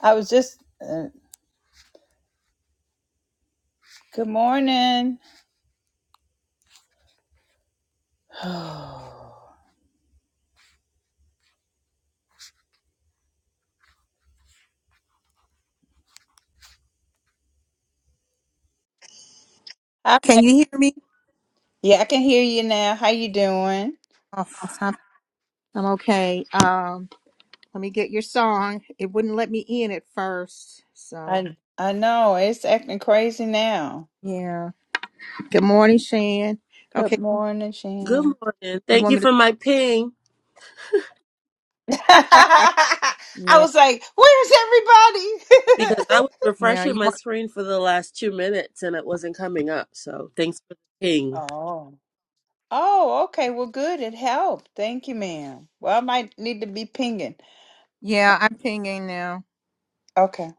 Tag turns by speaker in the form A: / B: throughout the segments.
A: I was just. Uh, good morning. I,
B: Can you hear me?
A: yeah, I can hear you now. How you doing?
B: Oh, I'm, I'm okay. Um, let me get your song. It wouldn't let me in at first. So
A: I I know it's acting crazy now.
B: yeah. Good morning, Shan.
A: Good
B: Okay,
A: morning,
C: Good
A: Shan.
C: morning.
B: you
C: Thank
B: want
C: you
B: me to?
C: for my ping
A: I
B: Yeah,
A: was like, "Where's everybody?"
C: because I was
B: yeah.
C: refreshing
B: You
C: my
B: want?
C: screen for the last two minutes and it wasn't coming up. So thanks for the ping.
A: oh, oh, okay. Well, good. It helped. Thank you, ma'am. Well, I might need to be pinging.
B: Yeah, I'm pinging now.
A: Okay.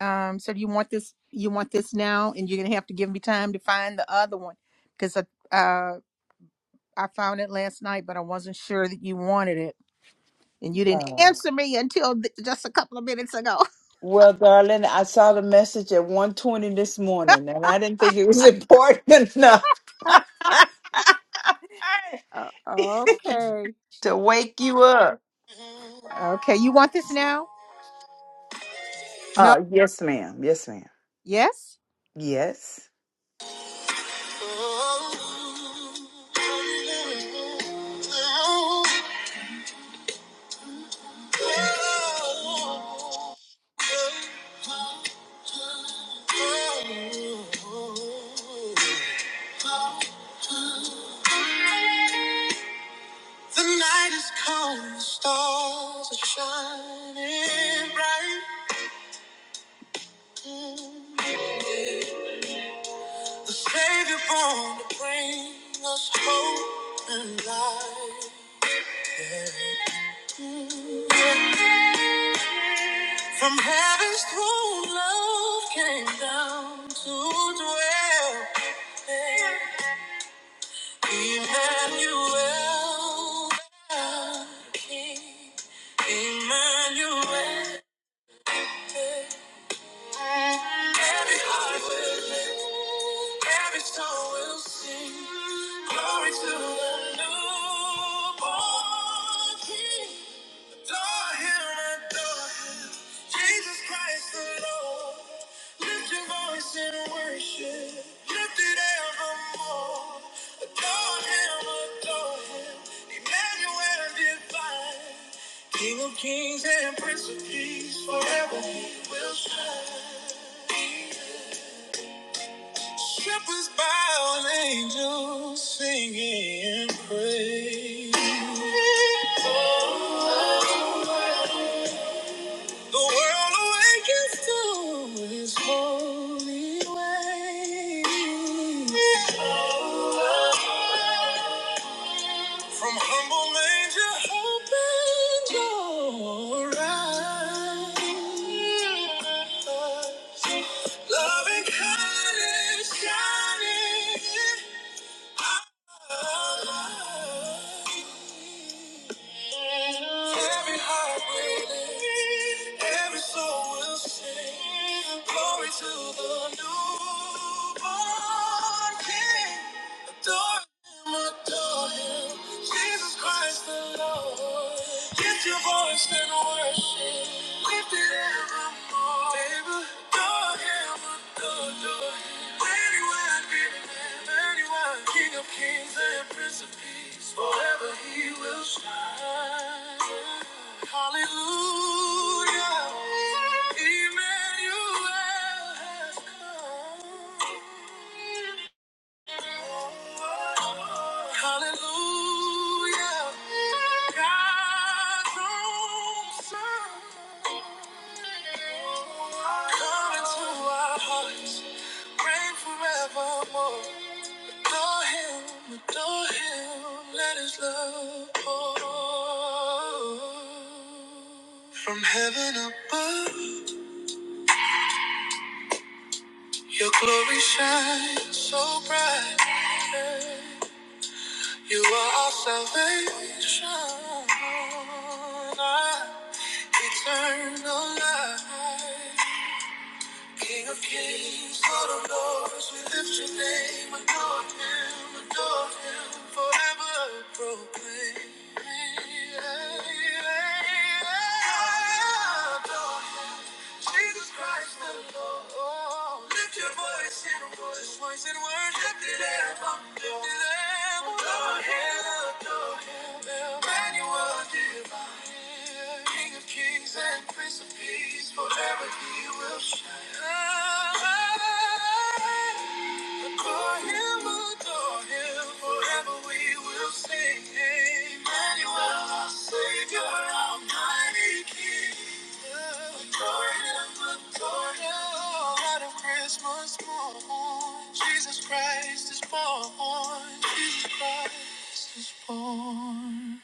B: Um, so do you want this? You want this now? And you're gonna have to give me time to find the other one because I uh I found it last night, but I wasn't sure that you wanted it, and you didn't answer me until th- just a couple of minutes ago.
A: Well, darling, I saw the message at 120 this morning and I didn't think it was important enough
B: Uh, okay.
A: to wake you up.
B: Okay, you want this now? No?
A: Uh, yes, ma'am. Yes, ma'am.
B: Yes?
A: Yes.
B: The night is cold, the stars are shining bright. The Savior born to bring us hope and light. From heaven's throne, love came down to dwell. Emmanuel, the King. Emmanuel. Every heart will lift, every soul will sing. Glory to the newborn King. Lord, hear my daughter. Jesus Christ alone. Lift your voice in worship. Lift it evermore. Adore him, adore him. Emmanuel divine. King of kings and Prince of peace. Forever he will shine. Shepherds bow and angels singing praise. Oh, oh, oh, the world awakens to his holy ways. From humble manger, hope and joy, arrives. Loving kindness shining. Every heart will lift, every soul will sing. Glory to the newborn King. Adore Him, adore Him, Jesus Christ the Lord. Lift your voice and worship. King of kings and prince of peace, forever he will shine. Hallelujah, Emmanuel has come. Hallelujah. God's own son. Come into our hearts. Reign forevermore. Adore him, adore him. Let his love pour. From heaven above, your glory shines so bright. You are our salvation, our eternal life. King of kings, Lord of lords, we lift your name, adore him, adore him, forever proclaim. Adore him, Jesus Christ the Lord. Lift your voice and voice, voice and word. Lift it up, oh. lift it up. Adore him, adore him. Emmanuel, divine. King of kings and Prince of peace. Forever he will shine. Ah, ah, ah, ah mighty Jesus Christ is born. Jesus Christ is born.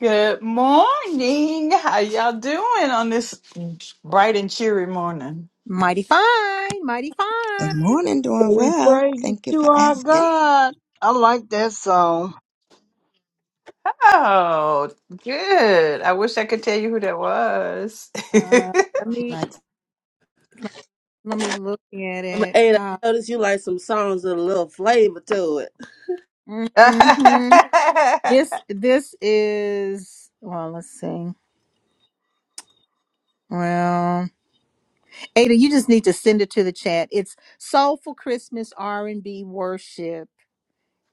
A: Good morning. How y'all doing on this bright and cheery morning?
B: Mighty fine, mighty fine.
D: Good morning, doing
E: We
D: well.
E: praises
D: Thank you
E: to
D: for
E: our
D: asking.
E: God. I like that song.
A: Oh, good. I wish I could tell you who that was.
B: Uh,
A: oh,
B: let
D: She
B: me
D: likes,
B: let me look at
C: Um,
B: it.
C: Ada,
B: Uh,
C: I noticed you like some songs with a little flavor to it.
B: mhm. This this is well, let's see. Well, Ada, you just need to send it to the chat. It's Soulful Christmas R&B Worship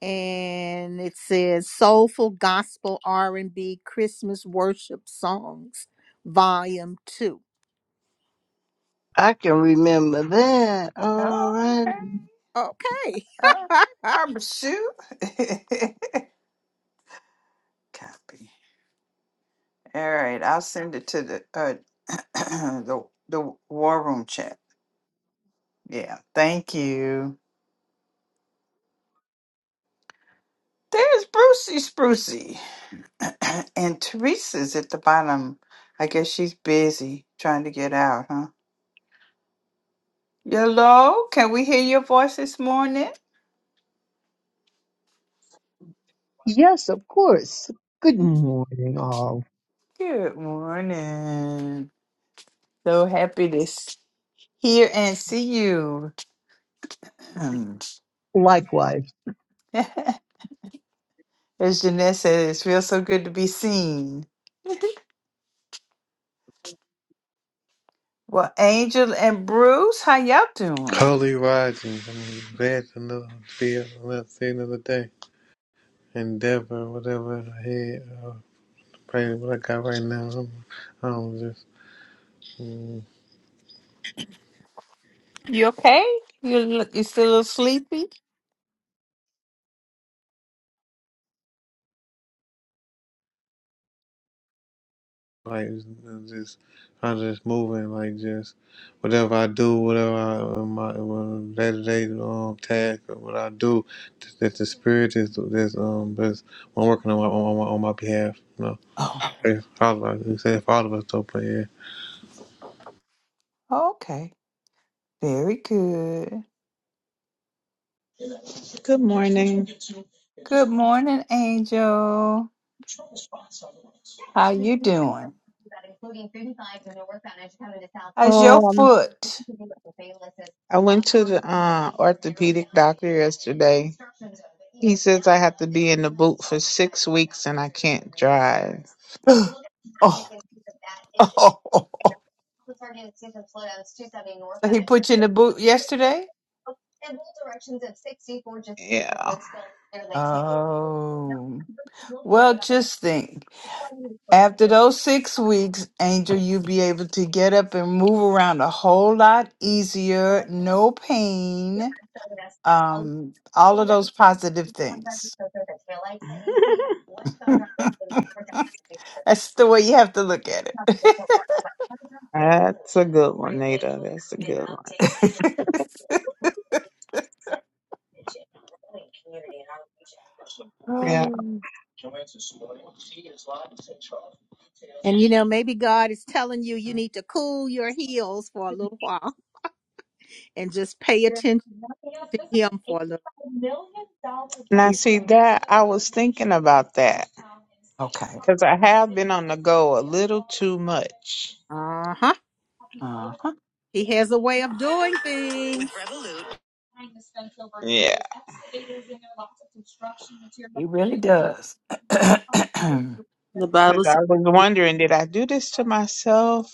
B: and it says Soulful Gospel R&B Christmas Worship Songs Volume 2.
E: I can remember that. All right.
A: okay.
B: Okay.
A: All right, Barbara Sue. Copy. All right, I'll send it to the uh the the war room chat. Yeah, thank you. There's Brucey Sprucey. and Teresa's at the bottom. I guess she's busy trying to get out, huh? Hello, can we hear your voice this morning?
F: Yes, of course. Good morning, all.
A: Good morning. So happy to s- hear and see you. As
F: Likewise.
A: Jeanette says, it feels so good to be seen. Well, Angel and Bruce, how y'all doing?
G: Holy Rising, I'm glad to know be let's see another day. Endeavor, whatever I had, I was praying what I got right now. I'm, I'm just mm,
A: You okay? You look, you still a little sleepy?
G: like just I'm just moving like just whatever I do, whatever I uh, my day to day um task or what I do, just, that the spirit is this um this one working on my on my on my behalf. You know,
A: Oh,
G: It's all of us, it's all of us though, but yeah.
A: okay. Very good.
H: Good morning.
A: Good morning, Angel. How you doing? How's your
H: Oh, Um,
A: foot?
H: I went to the uh, orthopedic doctor yesterday. He says I have to be in the boot for six weeks and I can't drive.
A: oh, oh, oh, oh, oh. So he put you in the boot yesterday?
H: Yeah,
A: Oh. Well, just think. After those six weeks, Angel, you'll be able to get up and move around a whole lot easier. No pain um, all of those positive things. That's the way you have to look at it.
H: that's a good one, Nita. That's a good one. Yeah.
A: Um,
B: and you know, maybe God is telling you you need to cool your heels for a little while and just pay attention to him for a little.
H: Now,
B: He's
H: see that I was thinking about that
A: okay.
H: because I have been on the go a little too much.
B: uh-huh.
A: Uh-huh.
B: He has a way of doing things. With Revolut.
H: Yeah.
A: He really does.
C: The
H: Because
C: Bible
H: I
C: says.
H: was wondering, did I do this to myself?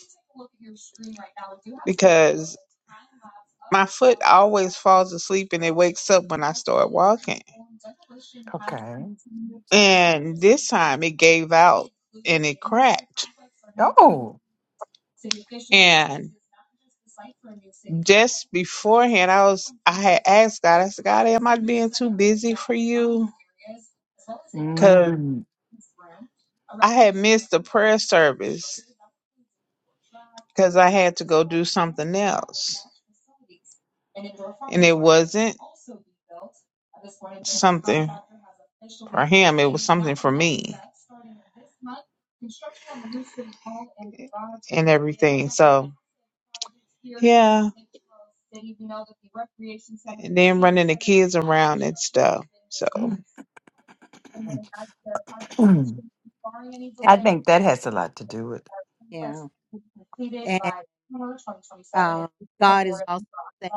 H: Because my foot always falls asleep and it wakes up when I start walking.
A: okay.
H: And this time it gave out and it cracked.
A: Oh.
H: And just beforehand, I was I had asked God. I said, God, am I being too busy for you?
A: Mm.
H: I had missed the prayer service because I had to go do something else. And it wasn't something for him, it was something for me and everything. So, yeah. And then running the kids around and stuff. So,
A: I
B: And-
A: think that has a lot to do with it.
B: yeah. And um, God is also saying,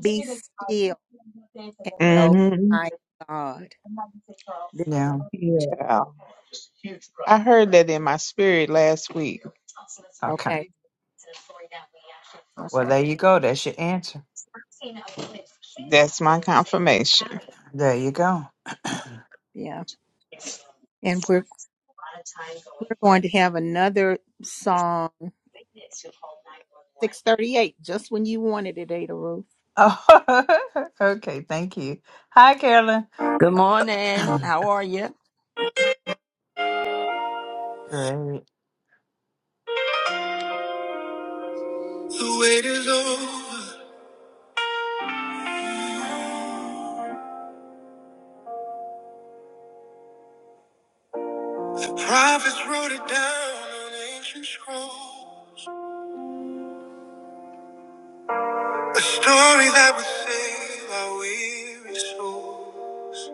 B: be still and know
H: mhm.
B: I am God. This-
A: Yeah.
H: Yeah. I heard that in my spirit last week.
A: Okay.
B: Okay.
A: Well,
B: Okay.
A: there you go. That's your answer.
H: That's my confirmation.
A: There you go.
B: Yeah. And we're we're going to have another song, 638, just when you wanted it, Ada Ruth.
A: Oh, okay. Thank you. Hi, Carolyn.
I: Good morning. How are you?
A: Great.
B: The wait is over. The prophets wrote it down on ancient scrolls. The story that would save our weary souls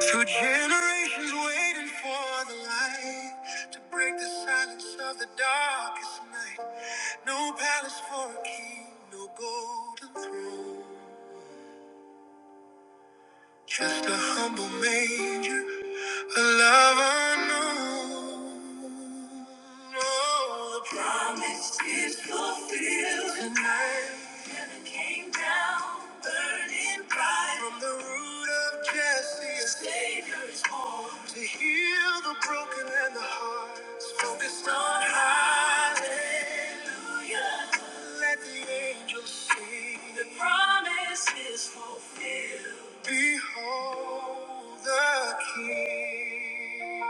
B: through generations waiting for the light to break the silence of the darkest night. No palace for a king, no golden throne. Just a humble manger, a love unknown. Oh, the promise is fulfilled tonight. Heaven came down, burning bright. From the root of Jesse, a Savior is born to heal the broken and the hearts. Focused on Hallelujah. Let the angels sing. The promise is fulfilled. Behold the King.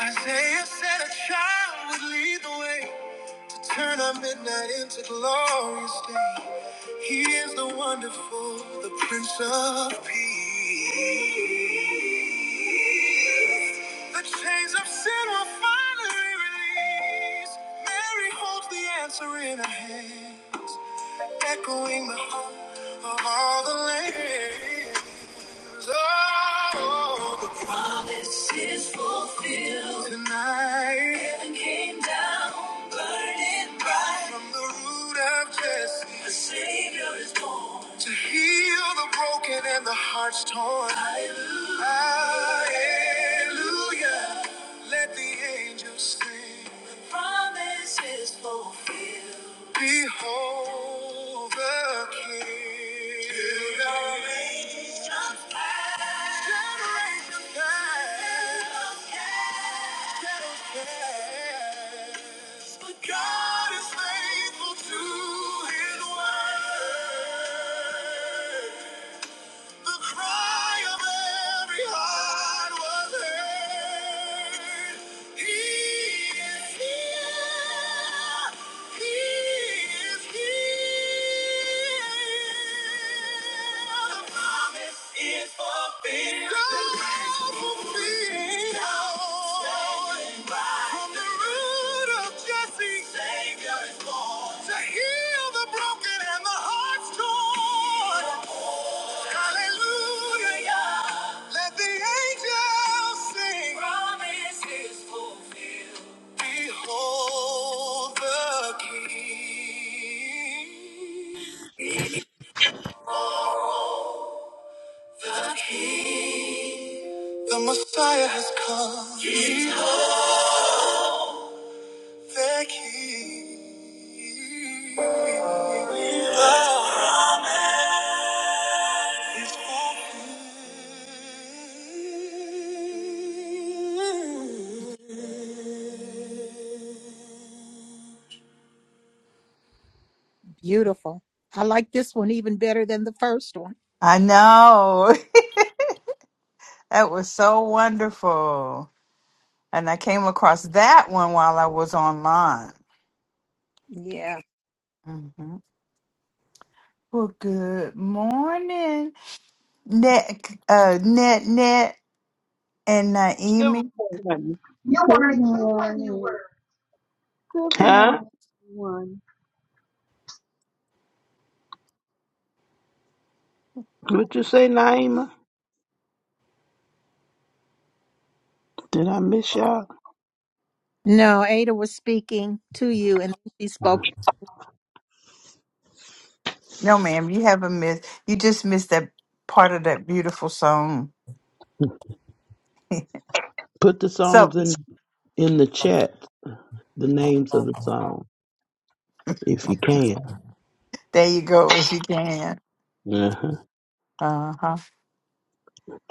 B: Isaiah said a child would lead the way to turn our midnight into glorious day. He is the wonderful, the Prince of Peace. The chains of sin will finally release. Mary holds the answer in her hands, echoing the hope of all the land. Lord, the promises filled tonight. Heaven came down, burning bright. From the root of Jesse, the Savior is born to heal the broken and the hearts torn. Hallelujah. Let the angels sing. The promise is fulfilled. Behold the King. Till the rains of past. Generation past. Generation past. But God is faithful to His word. The cry of every heart was heard. He is here. He is here. The promise is fulfilled. God fulfilled. Standing by. From the root of Jesse, Savior is born. To heal the broken and the heart's torn. Hallelujah. Let the angels sing. Promise is fulfilled. Behold the King. The King. The Messiah has come. The King. The promise is fulfilled. Beautiful. I like this one even better than the first one.
A: I know. That was so wonderful. And I came across that one while I was online.
B: Yeah.
A: hmm Well, good morning, Nick, uh, Net, Net, and
J: Good
A: Naomi.
J: morning.
K: You Good want to explain your morning. word. Good
A: Good.
J: Huh?
K: morning, everyone.
J: What you say, Naima? Did I miss y'all?
B: No, Ada was speaking to you and she spoke.
A: No, ma'am, you haven't missed. You just missed that part of that beautiful song.
J: Put the
A: So
J: songs in in the chat. The names of the song, if you can.
A: there you go, if you can.
J: Uh-huh.
A: Uh huh.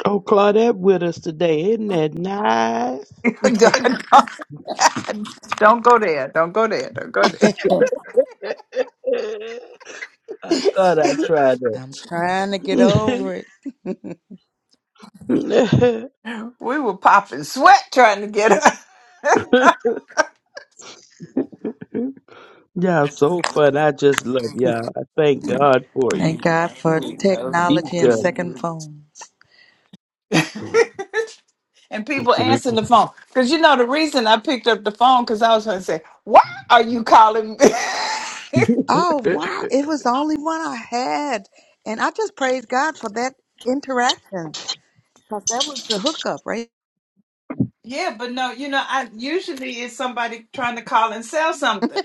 J: Oh, Claudette with us today. Isn't that nice?
A: don't, don't don't go there. Don't go there. Don't go there.
J: I thought I tried
D: I'm trying to get
J: that.
D: over it. Thank
A: we were popping sweat trying to get her.
J: y'all so fun. I just love y'all. I thank God for you.
D: Mm. God for
A: we love
J: Each
D: technology and
J: other.
D: second
A: you.
D: phones.
A: dude. and people answering the phone. Because you know the reason I picked up the phone because I was going to say, "Why are you calling me?"
D: Oh, wow. It was the only one I had. And I just praise God for that interaction because that was the hookup, right?
A: yeah, but no, you know, I usually it's somebody trying to call and sell something.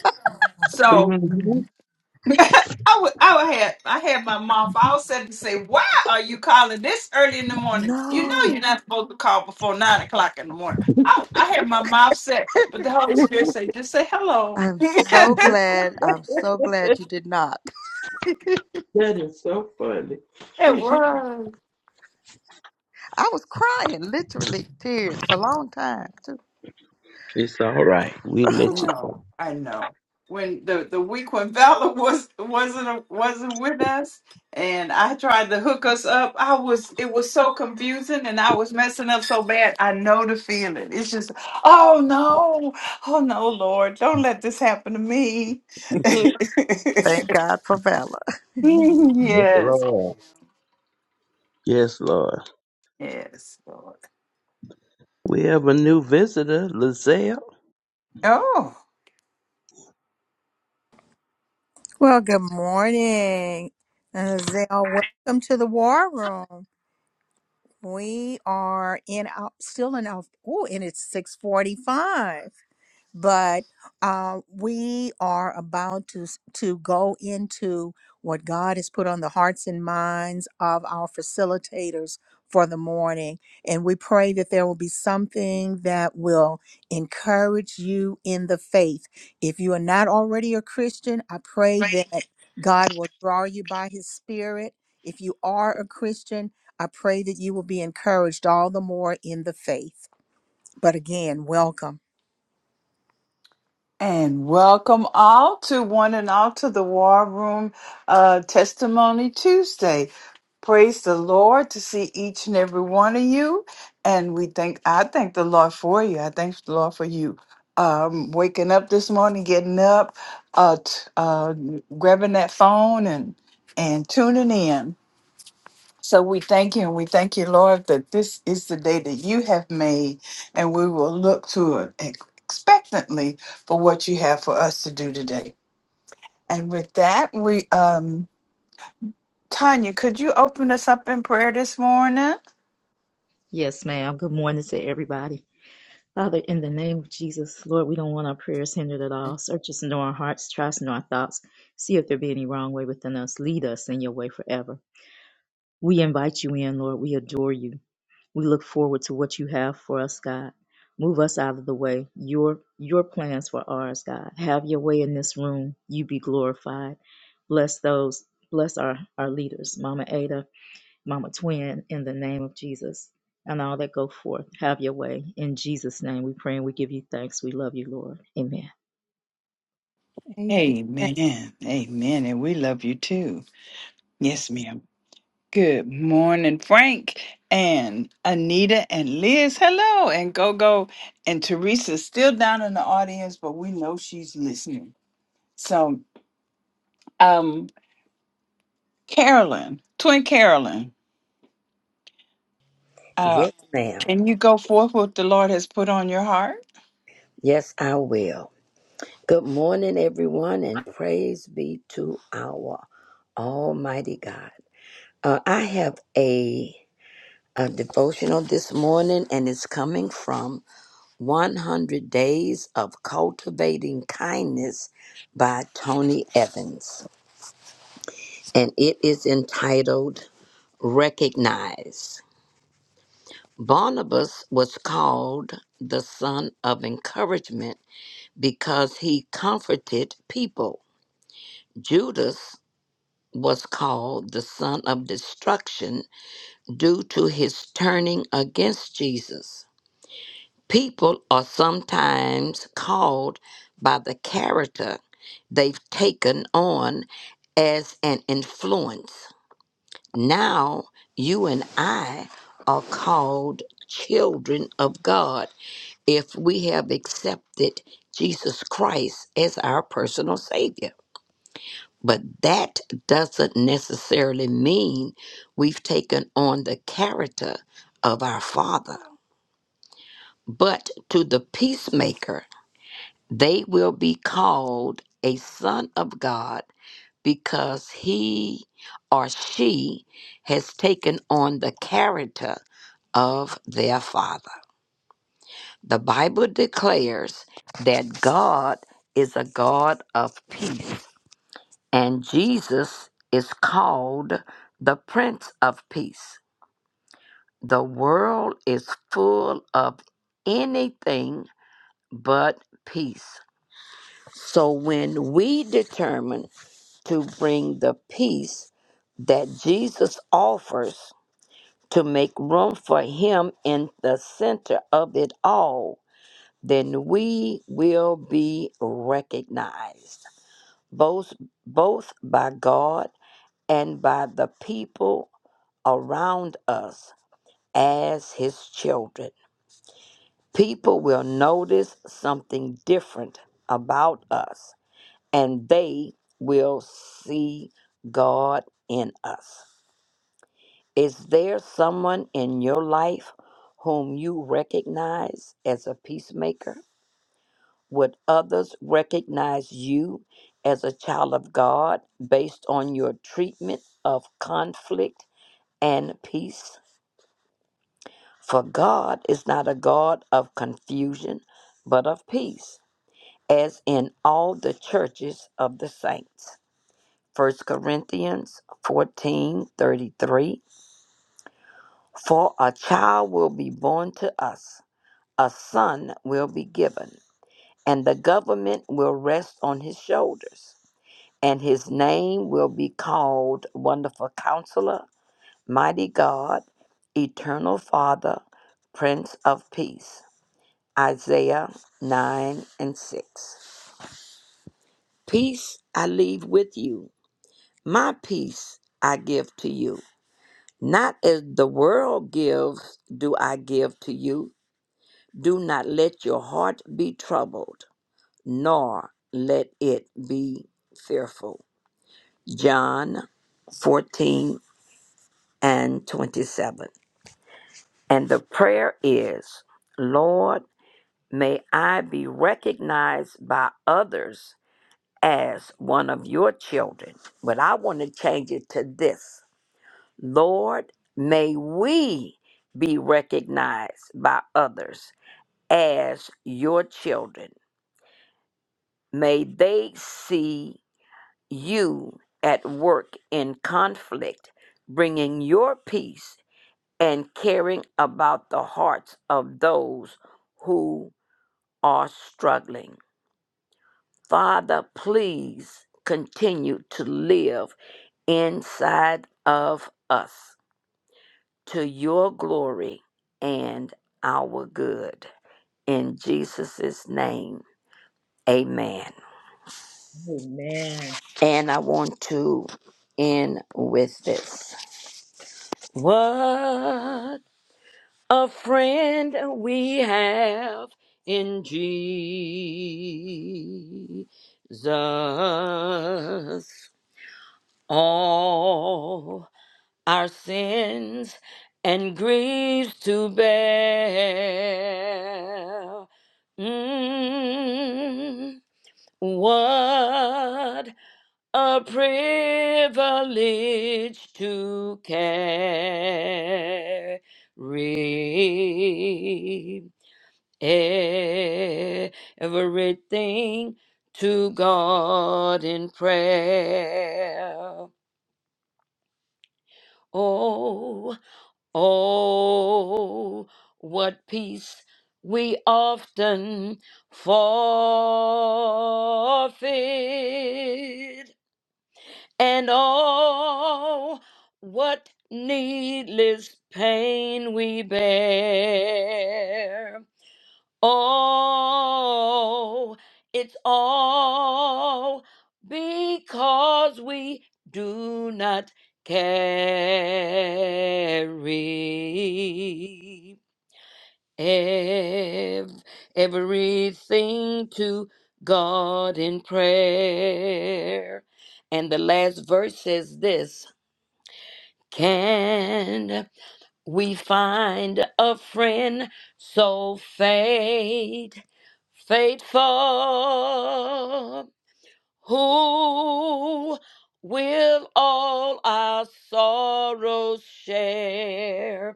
A: So
J: Mhm.
A: I would, I would have, I had my mouth all set to say, "Why are you calling this early in the morning? You know, you're
D: No,
A: not supposed to call before nine o'clock in the morning." I, I had my mouth set, but the Holy Spirit said, "Just say hello."
D: I'm so
A: it
D: glad. I'm so glad you did not.
J: That is so funny.
A: was.
D: I was crying, literally tears, for a long time, too.
J: It's all right. We let you go.
A: No, I know. When the the week when Valor was wasn't wasn't with us, and I tried to hook us up, I was it was so confusing, and I was messing up so bad. I know the feeling. It's just, oh no, oh no, Lord, don't let this happen to me.
D: Thank God for Valor.
J: Yes,
A: yes,
J: Lord. Yes, Lord.
A: yes, Lord.
J: We have a new visitor, Lizelle.
A: Oh.
B: Well, good morning. And Azale, welcome to the war room. We are in our, still in our, oh, and it's 645. but uh, we are about to s- to go into what God has put on the hearts and minds of our facilitators for the morning, and we pray that there will be something that will encourage you in the faith. If you are not already a Christian, I pray that God will draw you by His Spirit. If you are a Christian, I pray that you will be encouraged all the more in the faith. But again, welcome.
A: And welcome all to one and all to the War Room uh, Testimony Tuesday. Praise the Lord to see each and every one of you. And we thank, I thank the Lord for you. I thank the Lord for you um, waking up this morning, getting up, uh, t- uh, grabbing that phone and, and tuning in. So we thank you and we thank you, Lord, that this is the day that you have made, and we will look to it ex- expectantly for what you have for us to do today. And with that, we, um, Tanya, could you open us up in prayer this morning?
L: Yes, ma'am. Good morning to everybody. Father, in the name of Jesus, Lord, we don't want our prayers hindered at all. Search us into our hearts, try us into our thoughts. See if there be any wrong way within us. Lead us in your way forever. We invite you in, Lord. We adore you. We look forward to what you have for us, God. Move us out of the way. Your your plans for ours, God. Have your way in this room. You be glorified. Bless those. Bless our, our leaders, Mama Ada, Mama Twin, in the name of Jesus, and all that go forth. Have your way. In Jesus' name we pray and we give you thanks. We love you, Lord. Amen.
B: Amen.
A: Amen. Amen. And we love you too. Yes,
L: Yes.
A: ma'am. Good morning, Frank and Anita and Liz. Hello. And Go Go and Teresa's still down in the audience, but we know she's listening. So Um, Carolyn, twin Carolyn, uh,
I: Yes, ma'am.
A: can you go forth what the Lord has put on your heart?
I: Yes, I will. Good morning, everyone, and praise be to our Almighty God. Uh, I have a, a devotional this morning, and it's coming from 100 Days of Cultivating Kindness by Tony Evans, and it is entitled Recognize. Barnabas was called the son of encouragement because he comforted people. Judas was called the son of destruction due to his turning against Jesus. People are sometimes called by the character they've taken on as an influence. Now you and I are called children of God if we have accepted Jesus Christ as our personal Savior. But that doesn't necessarily mean we've taken on the character of our Father. But to the peacemaker, they will be called a son of God because he or she has taken on the character of their Father. The Bible declares that God is a God of peace And Jesus is called the Prince of Peace. The world is full of anything but peace. So when we determine to bring the peace that Jesus offers to make room for him in the center of it all, then we will be recognized both both by God and by the people around us as his children. People will notice something different about us and they will see God in us. Is there someone in your life whom you recognize as a peacemaker? Would others recognize you as a child of God based on your treatment of conflict and peace? For God is not a God of confusion, but of peace, as in all the churches of the saints. First Corinthians fourteen thirty three. For a child will be born to us, a son will be given, and the government will rest on his shoulders, and his name will be called Wonderful Counselor, Mighty God, Eternal Father, Prince of Peace. Isaiah 9 and 6. Peace I leave with you, my peace I give to you. Not as the world gives, do I give to you. Do not let your heart be troubled, nor let it be fearful. John 14 and 27. And the prayer is, Lord, may I be recognized by others as one of your children, but I want to change it to this Lord, may we be recognized by others as your children. May they see you at work in conflict, bringing your peace and caring about the hearts of those who are struggling. Father, please continue to live inside of us to your glory and our good. In Jesus' name, amen.
L: Amen.
I: And I want to end with this. What a friend we have in Jesus. All our sins and griefs to bear. Mm, what a privilege to carry everything to God in prayer. Oh, Oh, what peace we often forfeit, and oh, what needless pain we bear. Oh, it's all because we do not carry ev- everything to God in prayer. And the last verse says this Can we find a friend so faith, faithful, who will all our sorrows share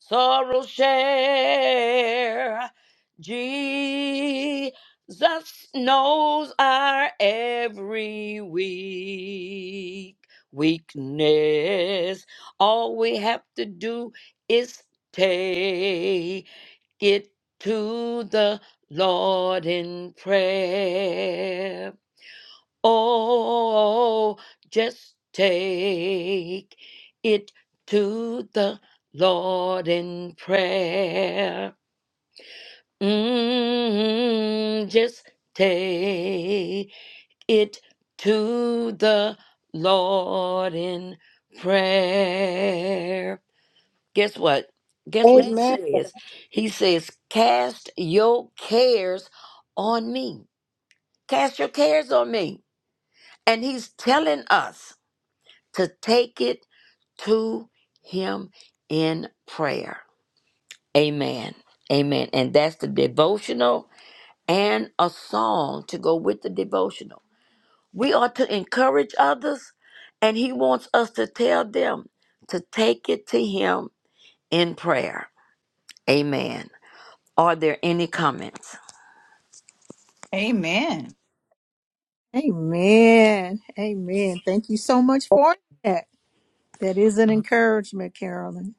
I: sorrow share. Jesus knows our every weak weakness. All we have to do is take it to the Lord in prayer. Oh, just take it to the Lord in prayer. Mm, just take it to the Lord in prayer. Guess what? Guess what he
E: Amen.
I: Thank you. says? He says, Cast your cares on me. Cast your cares on me. And he's telling us. to take it to Him in prayer. Amen. Amen. And that's the devotional and a song to go with the devotional. We are to encourage others, and He wants us to tell them to take it to Him in prayer. Amen. Are there any comments?
A: Amen.
B: Amen. Amen. Thank you so much for that. That is an encouragement, Carolyn.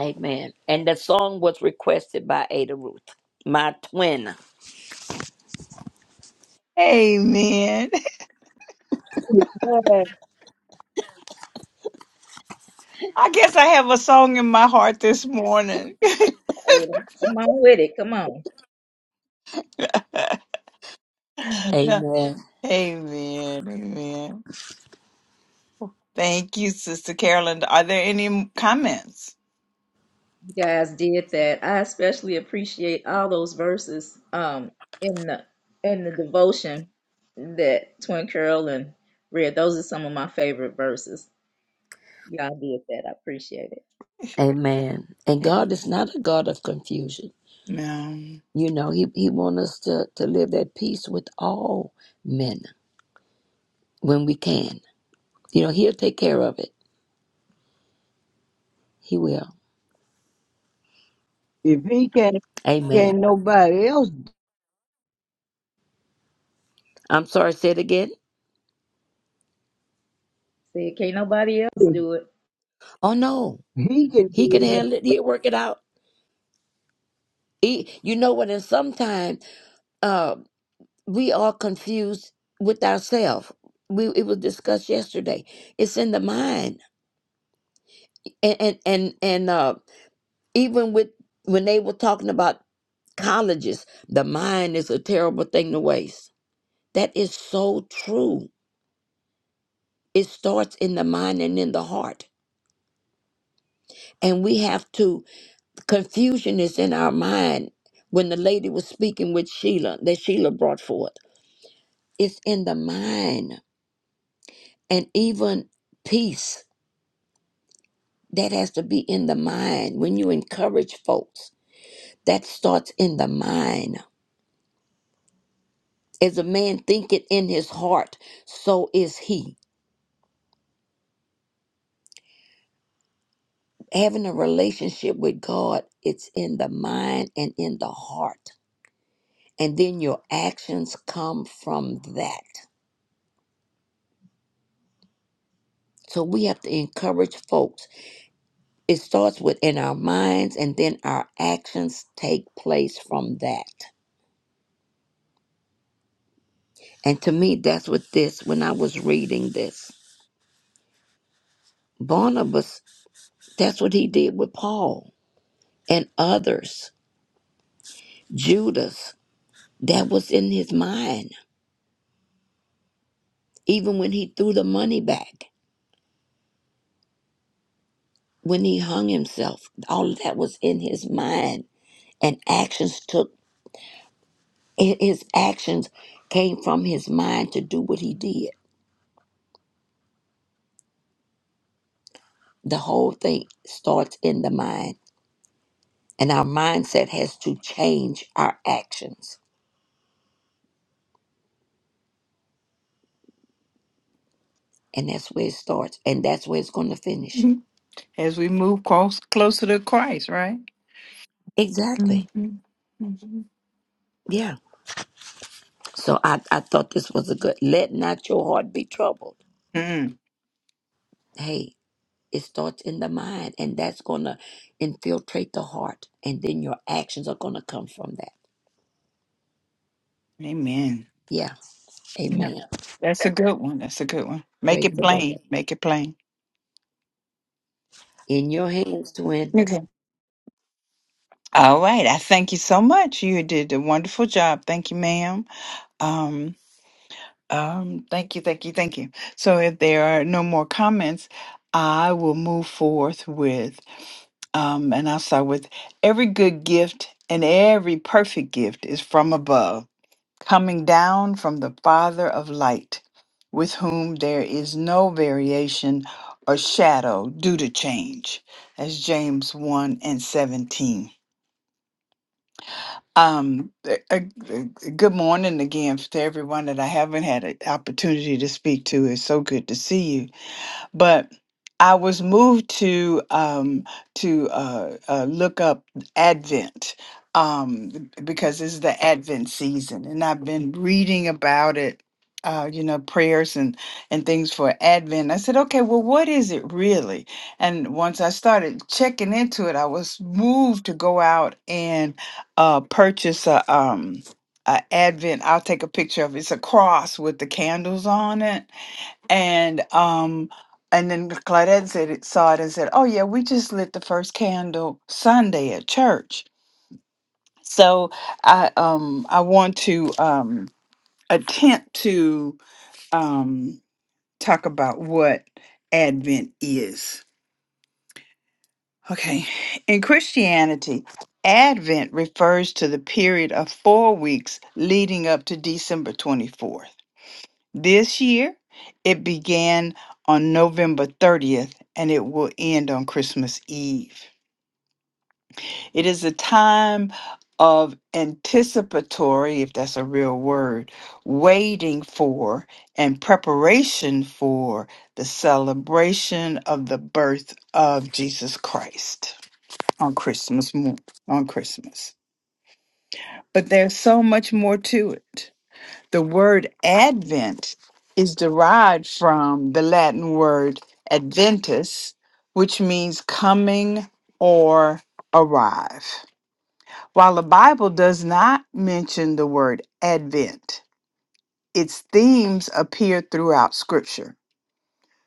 I: Amen. And the song was requested by Ada Ruth, my twin.
A: Amen. I guess I have a song in my heart this morning.
L: Ada, Come on with it. Come on.
A: amen.
I: Amen.
A: Amen. Thank you, Sister Carolyn. Are there any comments?
L: You guys did that. I especially appreciate all those verses um in the in the devotion that Twin Curl and read. Those are some of my favorite verses. Y'all did that. I appreciate it.
I: Amen. And God is not a God of confusion.
A: No.
I: You know, he, he wants us to, to live at peace with all men when we can. You know, he'll take care of it. He will.
E: If he can't,
I: Amen.
E: can't nobody else
I: I'm sorry, say it again.
L: See, can't nobody else
E: do
L: do it.
I: Oh no.
E: it. He can
I: He can
E: do
I: handle it. He'll work it out. He, you know what, and sometimes uh we are confused with ourselves. We it was discussed yesterday. It's in the mind. And and and, and uh even with when they were talking about colleges, the mind is a terrible thing to waste That is so true. It starts in the mind and in the heart. And we have to, confusion is in our mind. When the lady was speaking with Sheila, that Sheila brought forth, it's in the mind. And even peace, that has to be in the mind. When you encourage folks, that starts in the mind. As a man thinketh in his heart, so is he. Having a relationship with God, it's in the mind and in the heart and then your actions come from that. So we have to encourage folks. It starts within our minds, and then our actions take place from that. And to me, that's what this, when I was reading this, Barnabas, that's what he did with Paul and others. Judas, that was in his mind. Even when he threw the money back, when he hung himself, all of that was in his mind. And actions took Hi- His actions came from his mind to do what he did. The whole thing starts in the mind. And our mindset has to change our actions. And that's where it starts. And that's where it's going to finish.
A: As we move close, closer to Christ, right? hmm
I: Exactly.
A: hmm
I: Yeah. So I, I thought this was a good. Let not your heart be troubled. Hey, it starts in the mind, and that's going to infiltrate the heart. And then your actions are going to come from that.
A: Amen.
I: Yeah.
A: No,
I: Amen.
A: That's a good one. That's a good one. Make
I: Praise
A: it
I: the Lord.
A: plain. Make it plain.
I: In your hands, twin.
A: Okay. All right. I thank you so much. You did a wonderful job. Thank you, ma'am. Um, um, thank you, thank you, thank you. So if there are no more comments, I will move forth with um, and I'll start with every good gift and every perfect gift is from above. coming down from the Father of light, with whom there is no variation or shadow due to change. That's James 1 and 17. Um, a- a- a- good morning again to everyone that I haven't had an opportunity to speak to. It's so good to see you but I was moved to um, to uh, uh, look up Advent um, because this is the Advent season, and I've been reading about it. Uh, you know, prayers and and things for Advent. I said, okay, well, what is it really? And once I started checking into it, I was moved to go out and uh, purchase a um a Advent. I'll take a picture of it. It's a cross with the candles on it and um and then Claudette said it, saw it and said, "Oh yeah, we just lit the first candle Sunday at church." So I um I want to um attempt to um talk about what Advent is. Okay, in Christianity, Advent refers to the period of 4 weeks leading up to December 24th. This year, it began on November 30th and it will end on Christmas Eve. It is a time of anticipatory, if that's a real word, waiting for and preparation for the celebration of the birth of Jesus Christ on Christmas mo- on Christmas. But there's so much more to it. The word Advent is derived from the Latin word adventus, which means coming or arrive. While the Bible does not mention the word Advent, its themes appear throughout Scripture.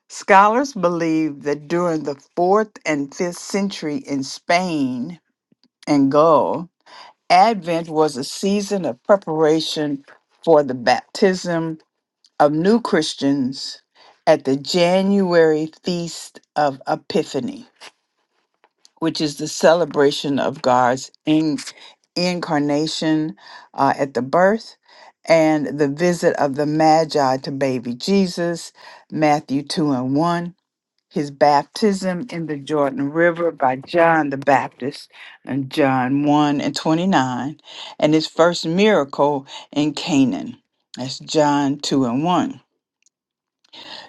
A: Scholars believe that during the 4th and 5th century in Spain and Gaul, Advent was a season of preparation for the baptism of new Christians at the January Feast of Epiphany, which is the celebration of God's in- incarnation uh, at the birth and the visit of the Magi to baby Jesus, Matthew 2 and 1. His baptism in the Jordan River by John the Baptist, and John 1 and 29, and his first miracle in Canaan. That's John 2 and 1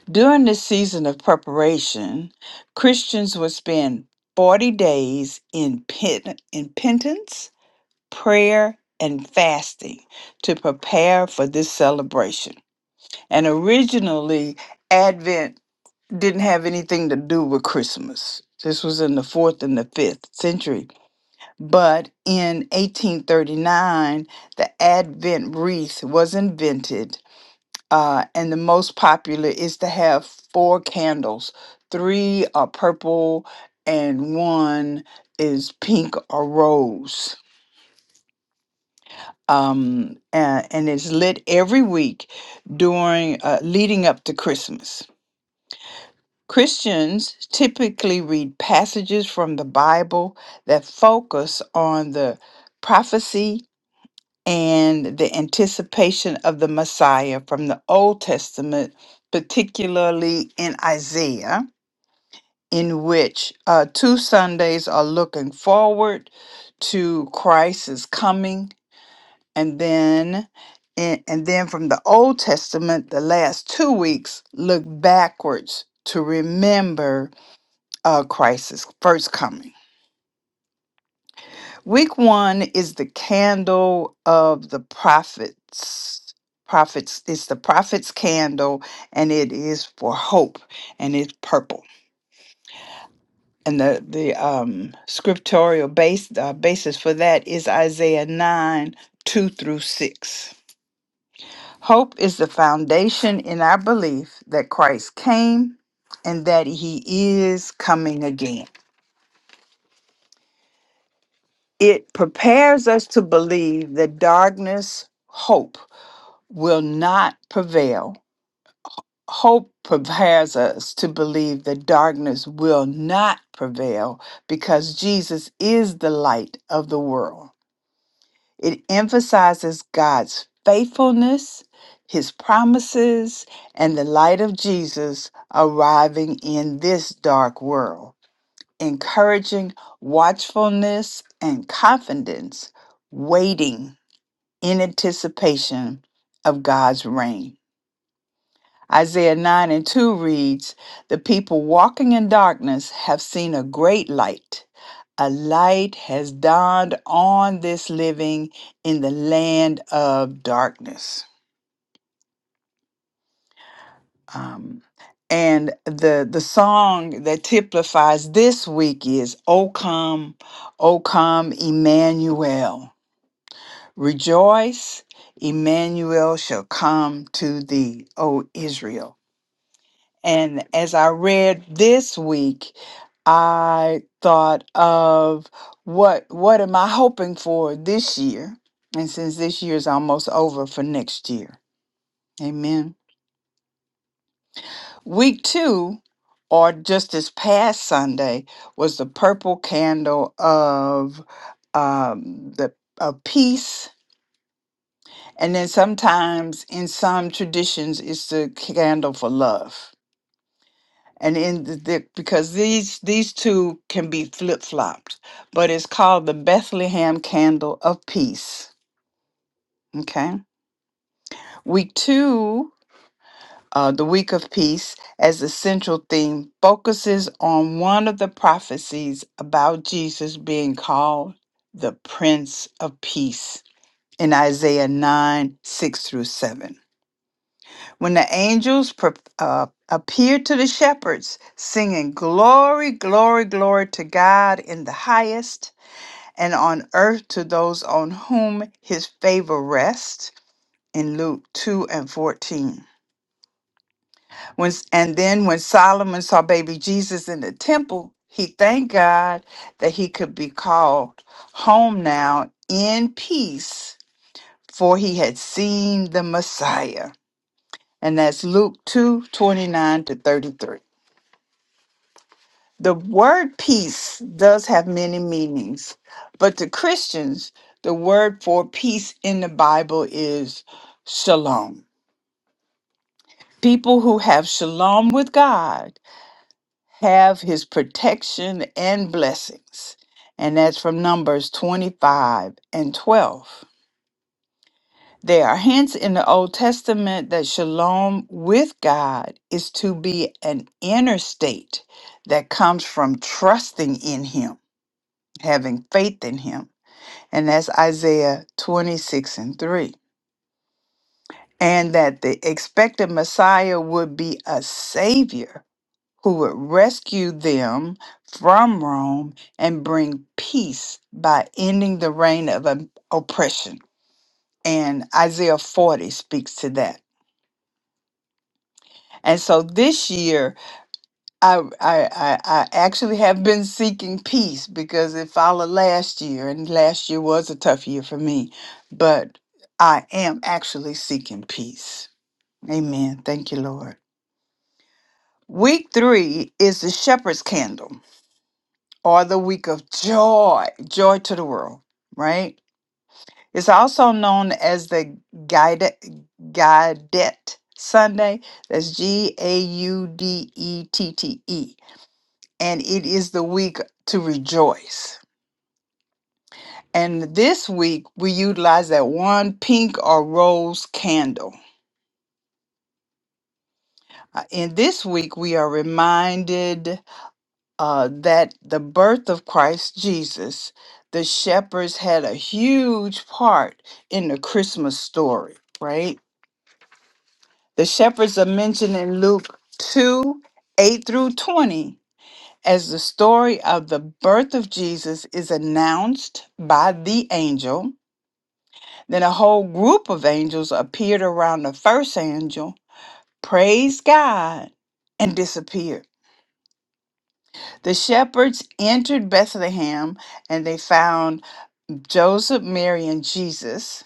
A: During this season of preparation, Christians would spend 40 days in, pen- in penance, prayer, and fasting to prepare for this celebration. And originally, Advent didn't have anything to do with Christmas. This was in the fourth and the fifth century. But in 1839, the Advent wreath was invented uh, and the most popular is to have four candles. Three are purple, and one is pink or rose. Um, and, and it's lit every week during uh, leading up to Christmas. Christians typically read passages from the Bible that focus on the prophecy and the anticipation of the Messiah from the Old Testament, particularly in Isaiah, in which uh, two Sundays are looking forward to Christ's coming, and then and, and then from the Old Testament, the last two weeks look backwards to remember uh, Christ's first coming. Week one is the candle of the prophets. Prophets, it's the prophet's candle, and it is for hope, and it's purple. And the the um, scriptorial base uh, basis for that is Isaiah nine two through six. Hope is the foundation in our belief that Christ came, and that He is coming again. It prepares us to believe that darkness, hope will not prevail. Hope prepares us to believe that darkness will not prevail because Jesus is the light of the world. It emphasizes God's faithfulness, his promises, and the light of Jesus arriving in this dark world, encouraging watchfulness and confidence, waiting in anticipation of God's reign. Isaiah 9 and 2 reads, The people walking in darkness have seen a great light. A light has dawned on this living in the land of darkness. Um, and the the song that typifies this week is O come, O come Emmanuel. Rejoice, Emmanuel shall come to thee, O Israel. And as I read this week, I thought of what what am I hoping for this year? And since this year is almost over for next year. Amen. Week 2 or just this past Sunday was the purple candle of um the of peace and then sometimes in some traditions it's the candle for love and in the, the because these these two can be flip flopped, but it's called the Bethlehem Candle of Peace. Okay, week two, uh, the week of peace, as the central theme focuses on one of the prophecies about Jesus being called the Prince of Peace in Isaiah nine six through seven. when the angels pre- uh, appeared to the shepherds, singing, Glory, glory, glory to God in the highest, and on earth to those on whom his favor rests. In Luke 2 and 14. When, and then when Solomon saw baby Jesus in the temple, he thanked God that he could be called home now in peace, for he had seen the Messiah. And that's Luke 2 29 to 33. The word peace does have many meanings, but to Christians, the word for peace in the Bible is shalom. People who have shalom with God have his protection and blessings. And that's from Numbers 25 and 12. There are hints in the Old Testament that shalom with God is to be an inner state that comes from trusting in him, having faith in him. and that's Isaiah 26 and 3. And that the expected Messiah would be a savior who would rescue them from Rome and bring peace by ending the reign of um, oppression. And Isaiah 40 speaks to that. And so this year, I, I I I actually have been seeking peace because it followed last year, and last year was a tough year for me. But I am actually seeking peace. Amen. Thank you, Lord. Week three is the shepherd's candle, or the week of joy, joy to the world, right? It's also known as the guided Gaudet Sunday. That's G A U D E T T E and it is the week to rejoice. And this week, we utilize that one pink or rose candle. Uh, In this week, we are reminded uh, that the birth of Christ Jesus, the shepherds had a huge part in the Christmas story, right? The shepherds are mentioned in Luke 2 8 through 20 as the story of the birth of Jesus is announced by the angel Then a whole group of angels appeared around the first angel, praised God, and disappeared. The shepherds entered Bethlehem and they found Joseph, Mary, and Jesus.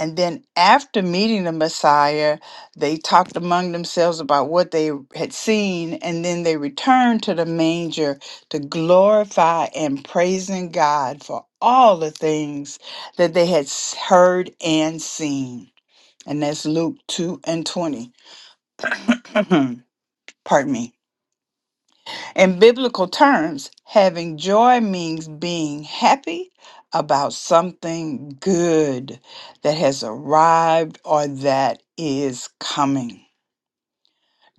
A: And then, after meeting the Messiah, they talked among themselves about what they had seen. And then they returned to the manger to glorify and praising God for all the things that they had s- heard and seen. and that's Luke 2 and 20. Pardon me. In biblical terms, having joy means being happy about something good that has arrived or that is coming.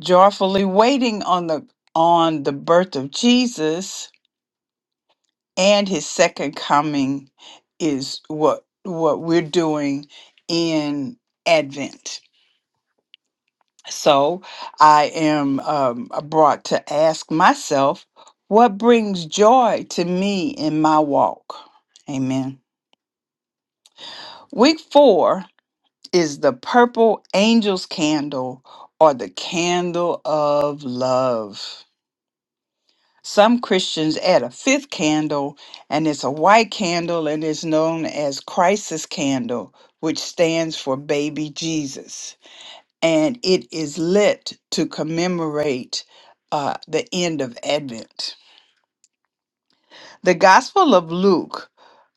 A: Joyfully waiting on the on the birth of Jesus and his second coming is what what we're doing in Advent. So I am um, uh, brought to ask myself, what brings joy to me in my walk? Amen. Week four is the purple angel's candle or the candle of love. Some Christians add a fifth candle, and it's a white candle and is known as Christ's candle, which stands for baby Jesus. and it is lit to commemorate uh, the end of Advent. The Gospel of Luke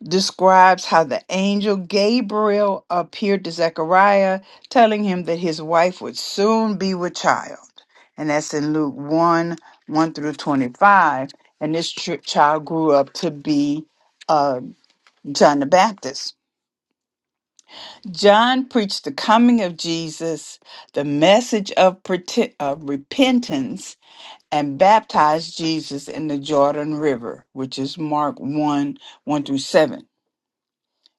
A: describes how the angel Gabriel appeared to Zechariah, telling him that his wife would soon be with child. And that's in Luke 1 1 through 25. And this ch- child grew up to be uh, John the Baptist. John preached the coming of Jesus, the message of, prete- of repentance, and baptized Jesus in the Jordan River, which is Mark 1 1 through 7.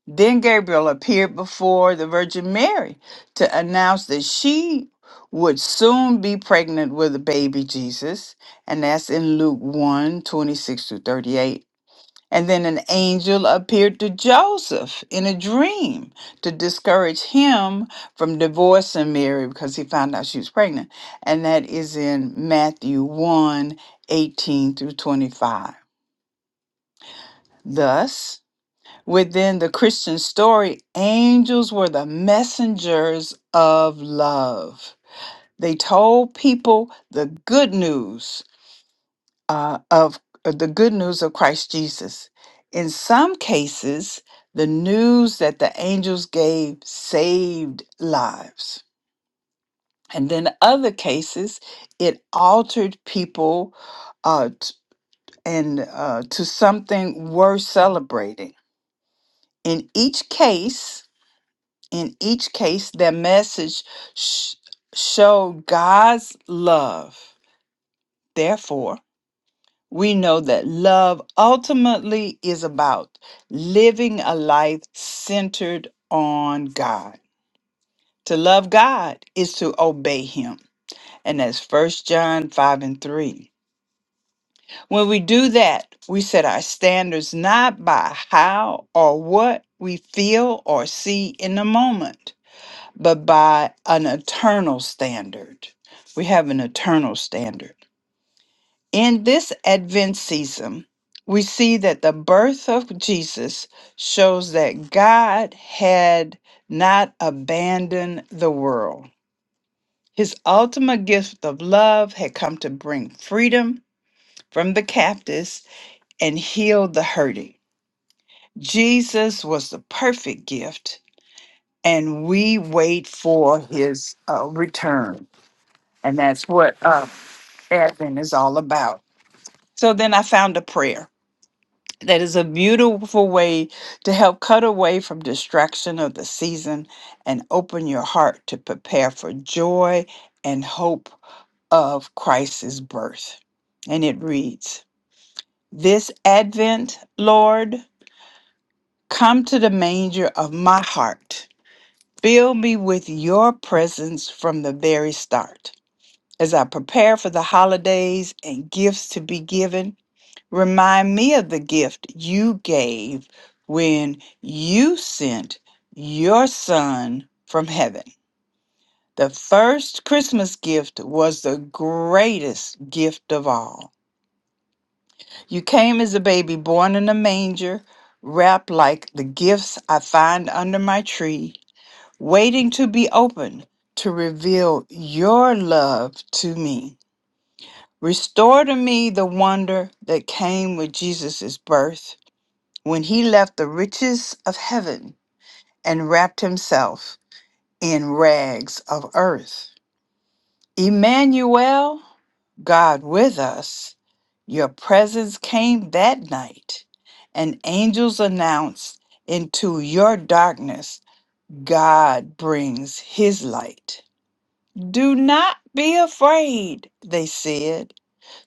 A: Then Gabriel appeared before the Virgin Mary to announce that she would soon be pregnant with a baby Jesus, and that's in Luke one twenty six 26 through 38. And then an angel appeared to Joseph in a dream to discourage him from divorcing Mary because he found out she was pregnant. And that is in Matthew one 18 through 25. Thus, within the Christian story, angels were the messengers of love. They told people the good news uh, of uh, the good news of Christ Jesus. In some cases, the news that the angels gave saved lives. And then other cases, it altered people uh, t- and uh, to something worth celebrating. In each case, in each case, their message sh- showed God's love. Therefore, we know that love ultimately is about living a life centered on God. To love God is to obey Him. And that's First John 5 and 3. When we do that, we set our standards not by how or what we feel or see in the moment, but by an eternal standard. We have an eternal standard. In this Advent season, we see that the birth of Jesus shows that God had not abandoned the world. His ultimate gift of love had come to bring freedom from the captives and heal the hurting. Jesus was the perfect gift, and we wait for his uh, return. And that's what uh, Advent is all about. So then I found a prayer. That is a beautiful way to help cut away from distraction of the season and open your heart to prepare for joy and hope of Christ's birth. And it reads This Advent, Lord, come to the manger of my heart. Fill me with your presence from the very start. As I prepare for the holidays and gifts to be given, Remind me of the gift you gave when you sent your son from heaven. The first Christmas gift was the greatest gift of all. You came as a baby born in a manger, wrapped like the gifts I find under my tree, waiting to be opened to reveal your love to me. Restore to me the wonder that came with Jesus' birth when he left the riches of heaven and wrapped himself in rags of earth. Emmanuel, God with us, your presence came that night, and angels announced into your darkness, God brings his light. Do not be afraid, they said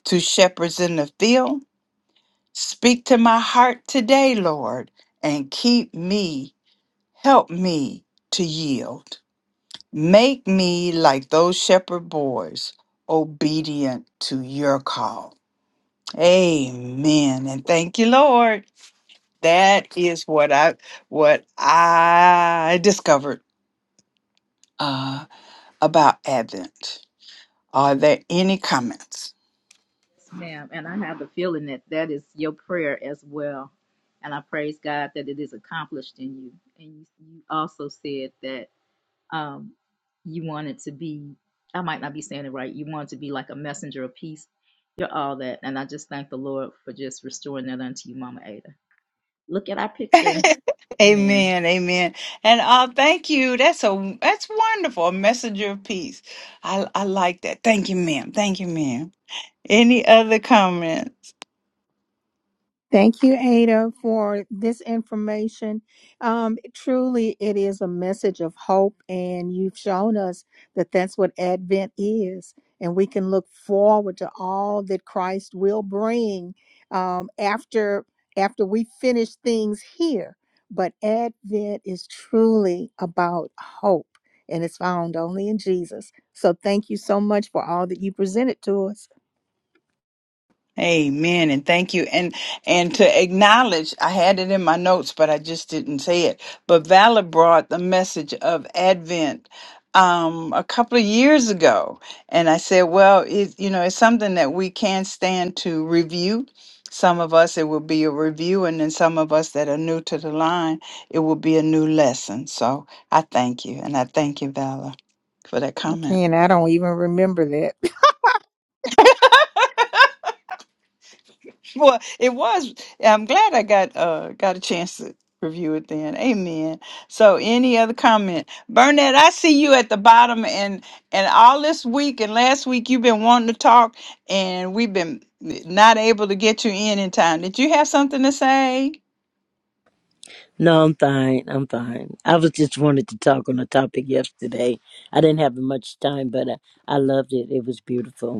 A: to shepherds in the field. Speak to my heart today, Lord, and keep me Help me to yield. Make me like those shepherd boys, obedient to your call. Amen. And thank you, Lord. That is what I what I discovered uh, about Advent. Are there any comments?
L: Yes, ma'am. And I have the feeling that that is your prayer as well. And I praise God that it is accomplished in you. And you, you also said that um, you wanted to be, I might not be saying it right, you wanted to be like a messenger of peace. You're all that. And I just thank the Lord for just restoring that unto you, Mama Ada. Look at our picture. Amen.
A: amen. Amen. And uh, thank you. That's a that's wonderful. A messenger of peace. I I like that. Thank you, ma'am. Thank you, ma'am. Any other comments?
B: Thank you, Ada, for this information. Um, truly, it is a message of hope, and you've shown us that that's what Advent is. And we can look forward to all that Christ will bring um, after after we finish things here. But Advent is truly about hope, and it's found only in Jesus. So, thank you so much for all that you presented to us.
A: Amen. And thank you. And and to acknowledge, I had it in my notes, but I just didn't say it. But Valor brought the message of Advent um a couple of years ago. And I said, well, it you know, it's something that we can stand to review. Some of us it will be a review, and then some of us that are new to the line, it will be a new lesson. So I thank you. And I thank you, Valor, for that comment.
B: Okay, and I don't even remember that.
A: Well, it was. I'm glad I got uh got a chance to review it then. Amen. So any other comment? Burnett, I see you at the bottom and and all this week and last week you've been wanting to talk and we've been not able to get you in in time. Did you have something to say?
M: No, I'm fine. I'm fine. I was just wanted to talk on a topic yesterday. I didn't have much time, but I, I loved it. It was beautiful.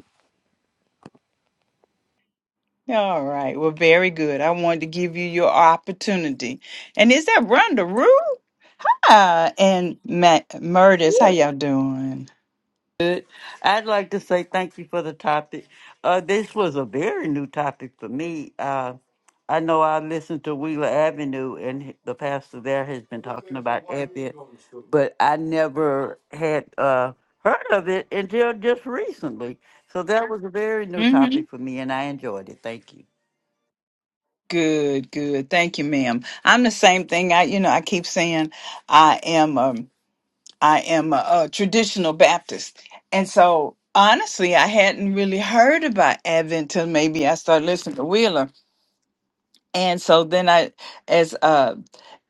A: All right. Well, very good. I wanted to give you your opportunity. And is that Rhonda Rue? Ah, and Matt Murdis, how
L: Woo!
A: y'all doing?
N: Good. I'd like to say thank you for the topic. Uh, this was a very new topic for me. Uh, I know I listened to Wheeler Avenue, and h- the pastor there has been talking about Advent, but I never had uh, heard of it until just recently. So that was a very new topic for me, and I enjoyed it. Thank you.
A: Good, good. Thank you, ma'am. I'm the same thing. I, you know, I keep saying I am um I am a, a traditional Baptist. And so honestly, I hadn't really heard about Advent till maybe I started listening to Wheeler. And so then I as uh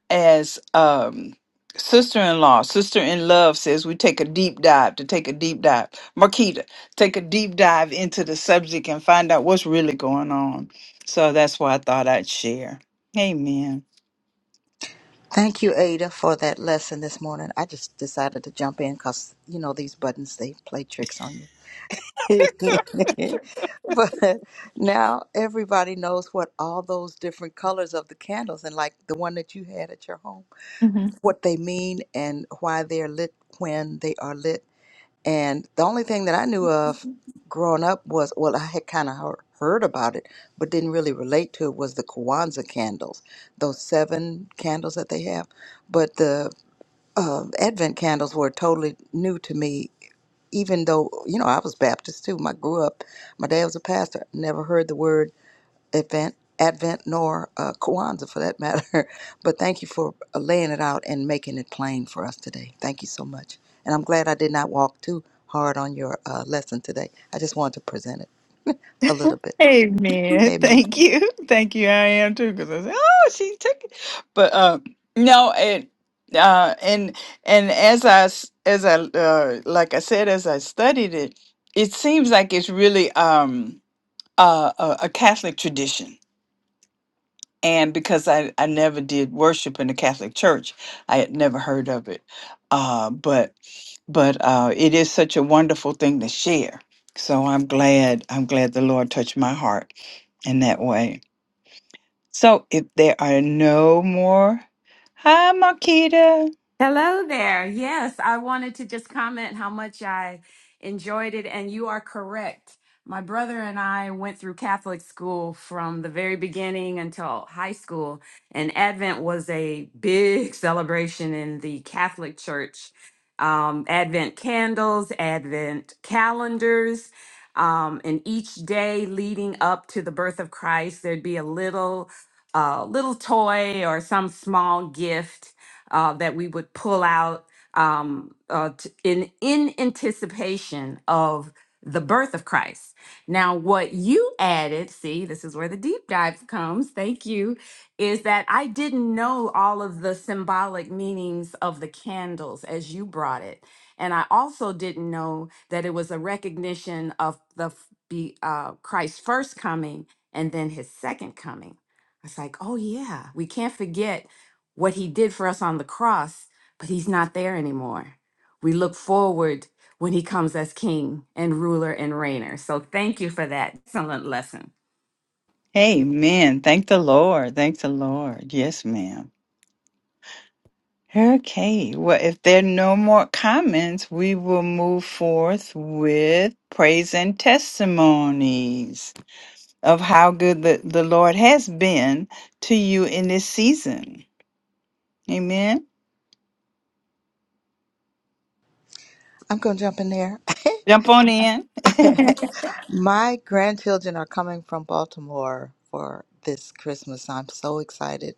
A: as um sister-in-law, sister in love says we take a deep dive to take a deep dive. Marquita, take a deep dive into the subject and find out what's really going on. So that's why I thought I'd share. Amen.
D: Thank you, Ada, for that lesson this morning. I just decided to jump in because, you know, these buttons, they play tricks on you. but now everybody knows what all those different colors of the candles and like the one that you had at your home, what they mean and why they're lit when they are lit. And the only thing that I knew of growing up was, well, I had kind of heard about it, but didn't really relate to it was the Kwanzaa candles, those seven candles that they have. But the uh, Advent candles were totally new to me, even though, you know, I was Baptist too. I grew up, my dad was a pastor. Never heard the word Advent, Advent nor uh, Kwanzaa for that matter. but thank you for uh, laying it out and making it plain for us today. Thank you so much. And I'm glad I did not walk too hard on your uh, lesson today. I just wanted to present it a little bit.
A: Amen.
D: Amen.
A: Thank you. Thank you. I am too, because I said, "Oh, she took it," but um, no, and uh, and and as I s- as I uh, like I said, as I studied it, it seems like it's really um uh, a, a Catholic tradition and because I, I never did worship in the Catholic Church, I had never heard of it. Uh, but but uh, it is such a wonderful thing to share. So I'm glad I'm glad the Lord touched my heart in that way. So if there are no more, hi Marquita.
O: Hello there. Yes, I wanted to just comment how much I enjoyed it, and you are correct. My brother and I went through Catholic school from the very beginning until high school, and Advent was a big celebration in the Catholic Church. Um, Advent candles, Advent calendars, um, and each day leading up to the birth of Christ, there'd be a little, uh, little toy or some small gift uh, that we would pull out um, uh, t- in in anticipation of the birth of Christ. Now, what you added, see, this is where the deep dive comes. Thank you. Is that I didn't know all of the symbolic meanings of the candles as you brought it. And I also didn't know that it was a recognition of the f- be, uh, Christ's first coming and then his second coming. It's like, oh, yeah, we can't forget what he did for us on the cross, but he's not there anymore. We look forward when he comes as king and ruler and reigner. So thank you for that excellent lesson.
A: Amen. Thank the Lord. Thank the Lord. Yes, ma'am. Okay, well, if there are no more comments, we will move forth with praise and testimonies of how good the, the Lord has been to you in this season. Amen.
D: I'm going to jump in there.
A: Jump on in.
D: My grandchildren are coming from Baltimore for this Christmas. I'm so excited.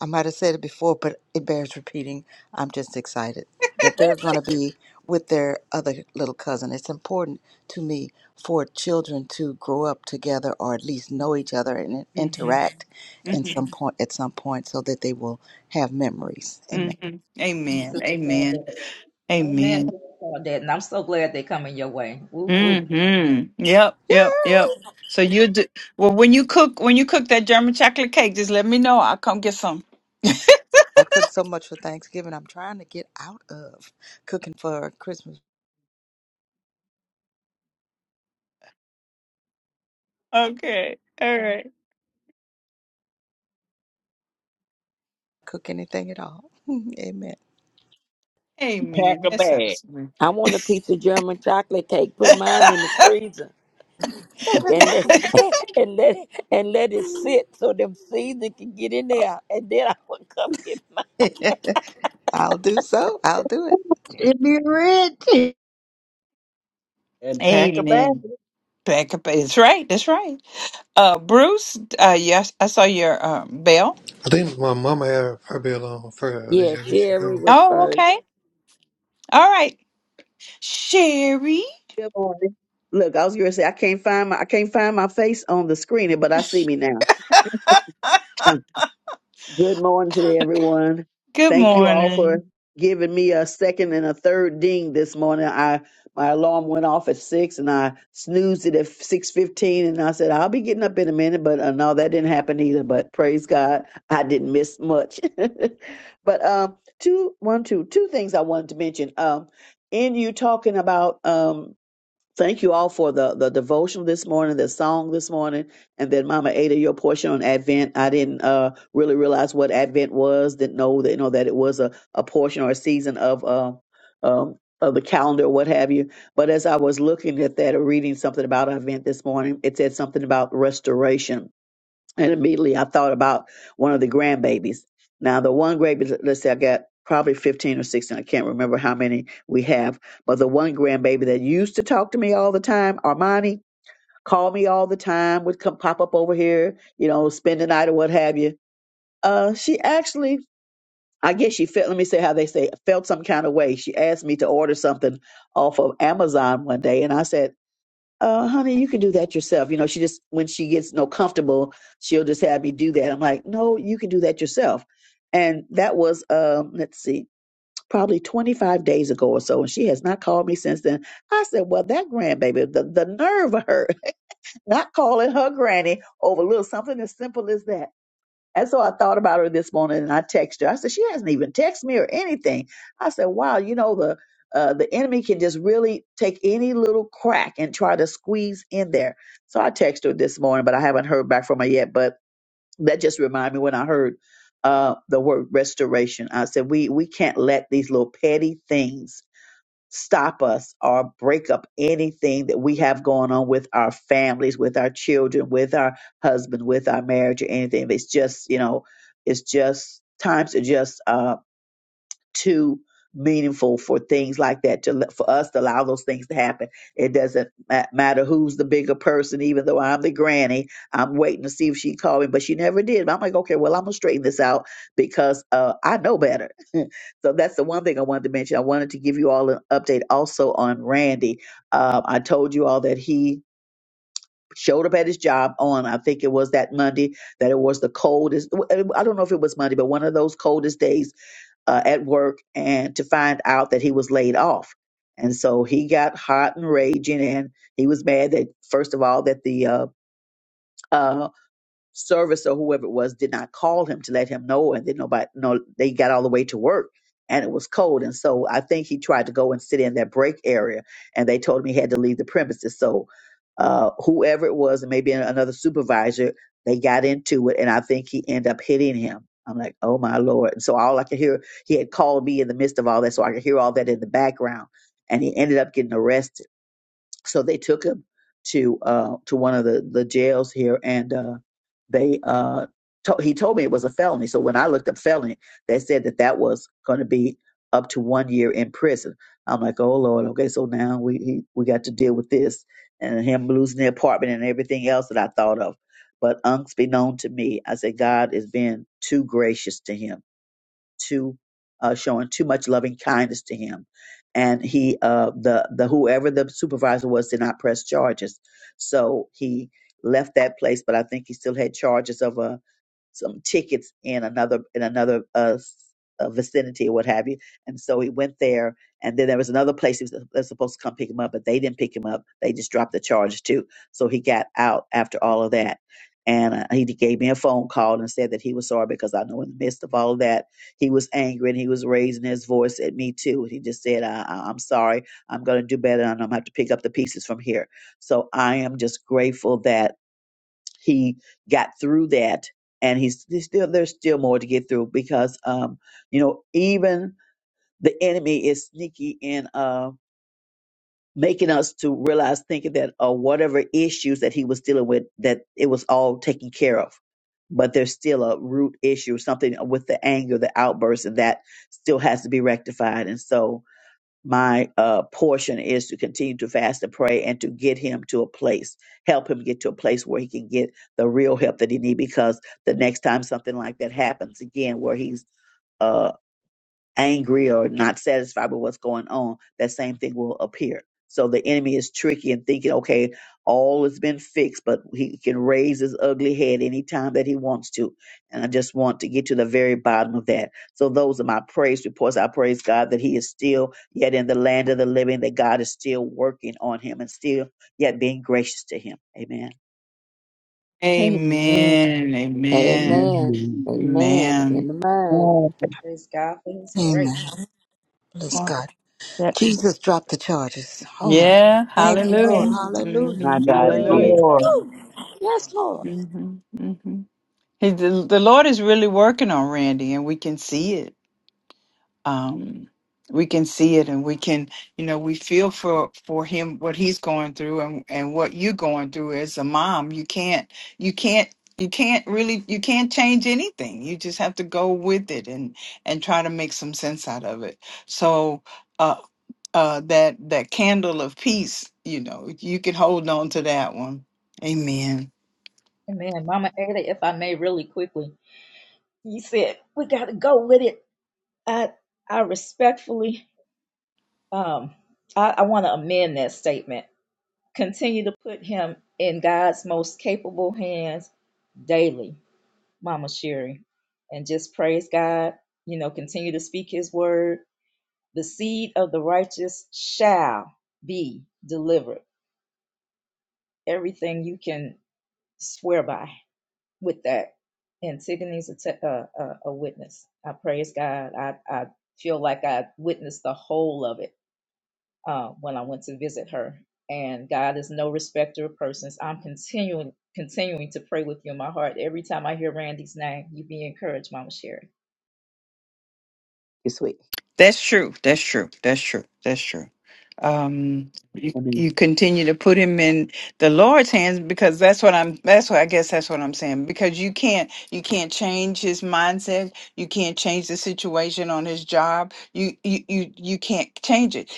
D: I might have said it before, but it bears repeating. I'm just excited that they're going to be with their other little cousin. It's important to me for children to grow up together or at least know each other and
A: hmm
D: interact
A: hmm
D: in some point at some point so that they will have memories. Amen.
A: hmm Amen.
L: Sister
A: Amen.
L: Claudette. Amen,
A: Amen.
L: Sister Claudette. And I'm so glad they're coming your way. Whoop, whoop. Amen.
A: hmm Yep. Yep.
D: Yeah,
A: Yep. So you do well when you cook when you cook that German chocolate cake. Just let me know. I'll come get some.
D: I cooked so much for Thanksgiving. I'm trying to get out of cooking for Christmas
A: Okay. All right.
D: cook anything at all. Amen.
J: And pack
A: Amen.
J: a
A: That
J: bag.
A: sounds good.
I: I want a piece of German chocolate cake. Put mine in the freezer and let and let and let it sit so them season can get in there, and then I will come get mine.
D: I'll do so. I'll do it.
E: it. It'd be rich.
J: And pack a bag.
A: Amen. Back up. That's right. That's right. Uh, Bruce. Uh, yes, I saw your um bell.
G: I think my mama had her bill on first. Did
I: Yeah,
G: you? ever she
I: Sherry
G: go?
I: was
A: Oh,
I: first.
A: okay. All right, Sherry.
P: Good morning. Look, I was going to say I can't find my I can't find my face on the screen, but I see me now. Um, Good morning today, everyone.
A: Good
P: Thank you all for
A: morning.
P: giving me a second and a third ding this morning. I my alarm went off at six, and I snoozed it at six fifteen, and I said I'll be getting up in a minute, but uh, no, that didn't happen either. But praise God, I didn't miss much. but um, two, one, two, two things I wanted to mention. Um, in you talking about um Thank you all for the, the devotional this morning, the song this morning, and then Mama Ada, your portion on Advent. I didn't uh, really realize what Advent was. Didn't know that you know that it was a, a portion or a season of um, um, of the calendar, or what have you. But as I was looking at that or reading something about Advent this morning, it said something about restoration and immediately I thought about one of the grandbabies. Now, the one grandbaby, let's say I got probably 15 or 16, I can't remember how many we have, but the one grandbaby that used to talk to me all the time, Armani, called me all the time, would come pop up over here, you know, spend the night or what have you. Uh, she actually, I guess she felt, let me say how they say, felt some kind of way. She asked me to order something off of Amazon one day, and I said, uh, honey, you can do that yourself. You know, she just when she gets no comfortable, she'll just have me do that. I'm like, no, you can do that yourself. And that was um, let's see, probably 25 days ago or so, and she has not called me since then. I said, well, that grandbaby, the the nerve of her not calling her granny over little something as simple as that. And so I thought about her this morning and I texted her. I said, she hasn't even texted me or anything. I said, wow, you know, the uh, the enemy can just really take any little crack and try to squeeze in there. So I texted her this morning, but I haven't heard back from her yet. But that just reminded me when I heard uh, the word restoration. I said, we we can't let these little petty things stop us or break up anything that we have going on with our families, with our children, with our husband, with our marriage, or anything. It's just, you know, it's just times are just um too meaningful for things like that to let- for us to allow those things to happen. It doesn't ma- matter who's the bigger person, even though I'm the granny. I'm waiting to see if she called me, but she never did. But I'm like, okay, well, I'm gonna straighten this out because uh, I know better. so that's the one thing I wanted to mention. I wanted to give you all an update also on Randy. Uh, I told you all that he showed up at his job on I think it was that Monday that it was the coldest I don't know if it was Monday but one of those coldest days uh, at work and to find out that he was laid off. And so he got hot and raging, and he was mad that first of all that the uh, uh, service or whoever it was did not call him to let him know and then nobody no they got all the way to work and it was cold and so i think he tried to go and sit in that break area and they told him he had to leave the premises so uh whoever it was and maybe another supervisor they got into it and i think he ended up hitting him i'm like oh my lord and so all i could hear he had called me in the midst of all that so i could hear all that in the background and he ended up getting arrested so they took him to uh to one of the the jails here and uh they uh to- he told me it was a felony so when i looked up felony they said that that was going to be up to one year in prison i'm like oh lord okay so now we he, we got to deal with this and him losing the apartment and everything else that i thought of but unbeknown to me i said god is being too gracious to him to uh, showing too much loving kindness to him, and he uh, the the whoever the supervisor was did not press charges, so he left that place. But I think he still had charges of a some tickets in another in another uh, s- uh, vicinity or what have you. And so he went there, and then there was another place he was, they was supposed to come pick him up, but they didn't pick him up. They just dropped the charge too. So he got out after all of that. And uh, he gave me a phone call and said that he was sorry because I know in the midst of all of that, he was angry and he was raising his voice at me too. he just said, I, I- I'm sorry. I'm going to do better and I'm going to have to pick up the pieces from here. So I am just grateful that he got through that and he's, there's still there's still more to get through because um you know even the enemy is sneaky in uh making us to realize thinking that uh, whatever issues that he was dealing with that it was all taken care of but there's still a root issue something with the anger the outburst and that still has to be rectified and so my uh, portion is to continue to fast and pray and to get him to a place, help him get to a place where he can get the real help that he needs. Because the next time something like that happens again, where he's uh, angry or not satisfied with what's going on, that same thing will appear. So the enemy is tricky and thinking, okay, all has been fixed, but he can raise his ugly head anytime that he wants to. And I just want to get to the very bottom of that. So those are my praise reports. I praise God that he is still yet in the land of the living, that God is still working on him and still yet being gracious to him. Amen.
B: Amen.
A: Amen. Amen.
I: Amen.
J: Mhm.
I: Amen.
A: Amen.
I: In the mind.
E: Uh,
L: Praise God for His grace.
D: Amen. Bless
A: Oh,
D: God.
A: that-
D: Jesus dropped the charges. Oh my God.
A: Yeah.
D: Thank you, Lord.
A: Hallelujah.
D: Hallelujah.
P: My
A: hmm
P: God
J: Yes,
P: is
L: Yeah.
P: here.
A: Hallelujah.
J: Lord.
D: Lord,
A: hmm hmm He, the, the Lord is really working on Randy, and we can see it. um, we can see it and we can you know we feel for for him what he's going through and and what you're going through as a mom you can't you can't you can't really you can't change anything you just have to go with it and and try to make some sense out of it so uh uh that that candle of peace you know you can hold on to that one amen
L: man, Mama Ada, if I may really quickly, you said we gotta go with it. I I respectfully um I, I wanna amend that statement. Continue to put him in God's most capable hands daily, Mama Sherry. And just praise God, you know, continue to speak his word. The seed of the righteous shall be delivered. Everything you can swear by. with that. And Tiffany's a, te- uh, a, a witness. I praise God. I, I feel like I witnessed the whole of it uh, when I went to visit her. And God is no respecter of persons. I'm continuing continuing to pray with you in my heart. Every time I hear Randy's name, you be encouraged, Mama Sherry.
P: You're sweet.
A: That's true. That's true. That's true. That's true. Um, you
P: Amen.
A: you continue to put him in the Lord's hands because that's what I'm. That's what I guess that's what I'm saying. Because you can't you can't change his mindset. You can't change the situation on his job. You you you you can't change it.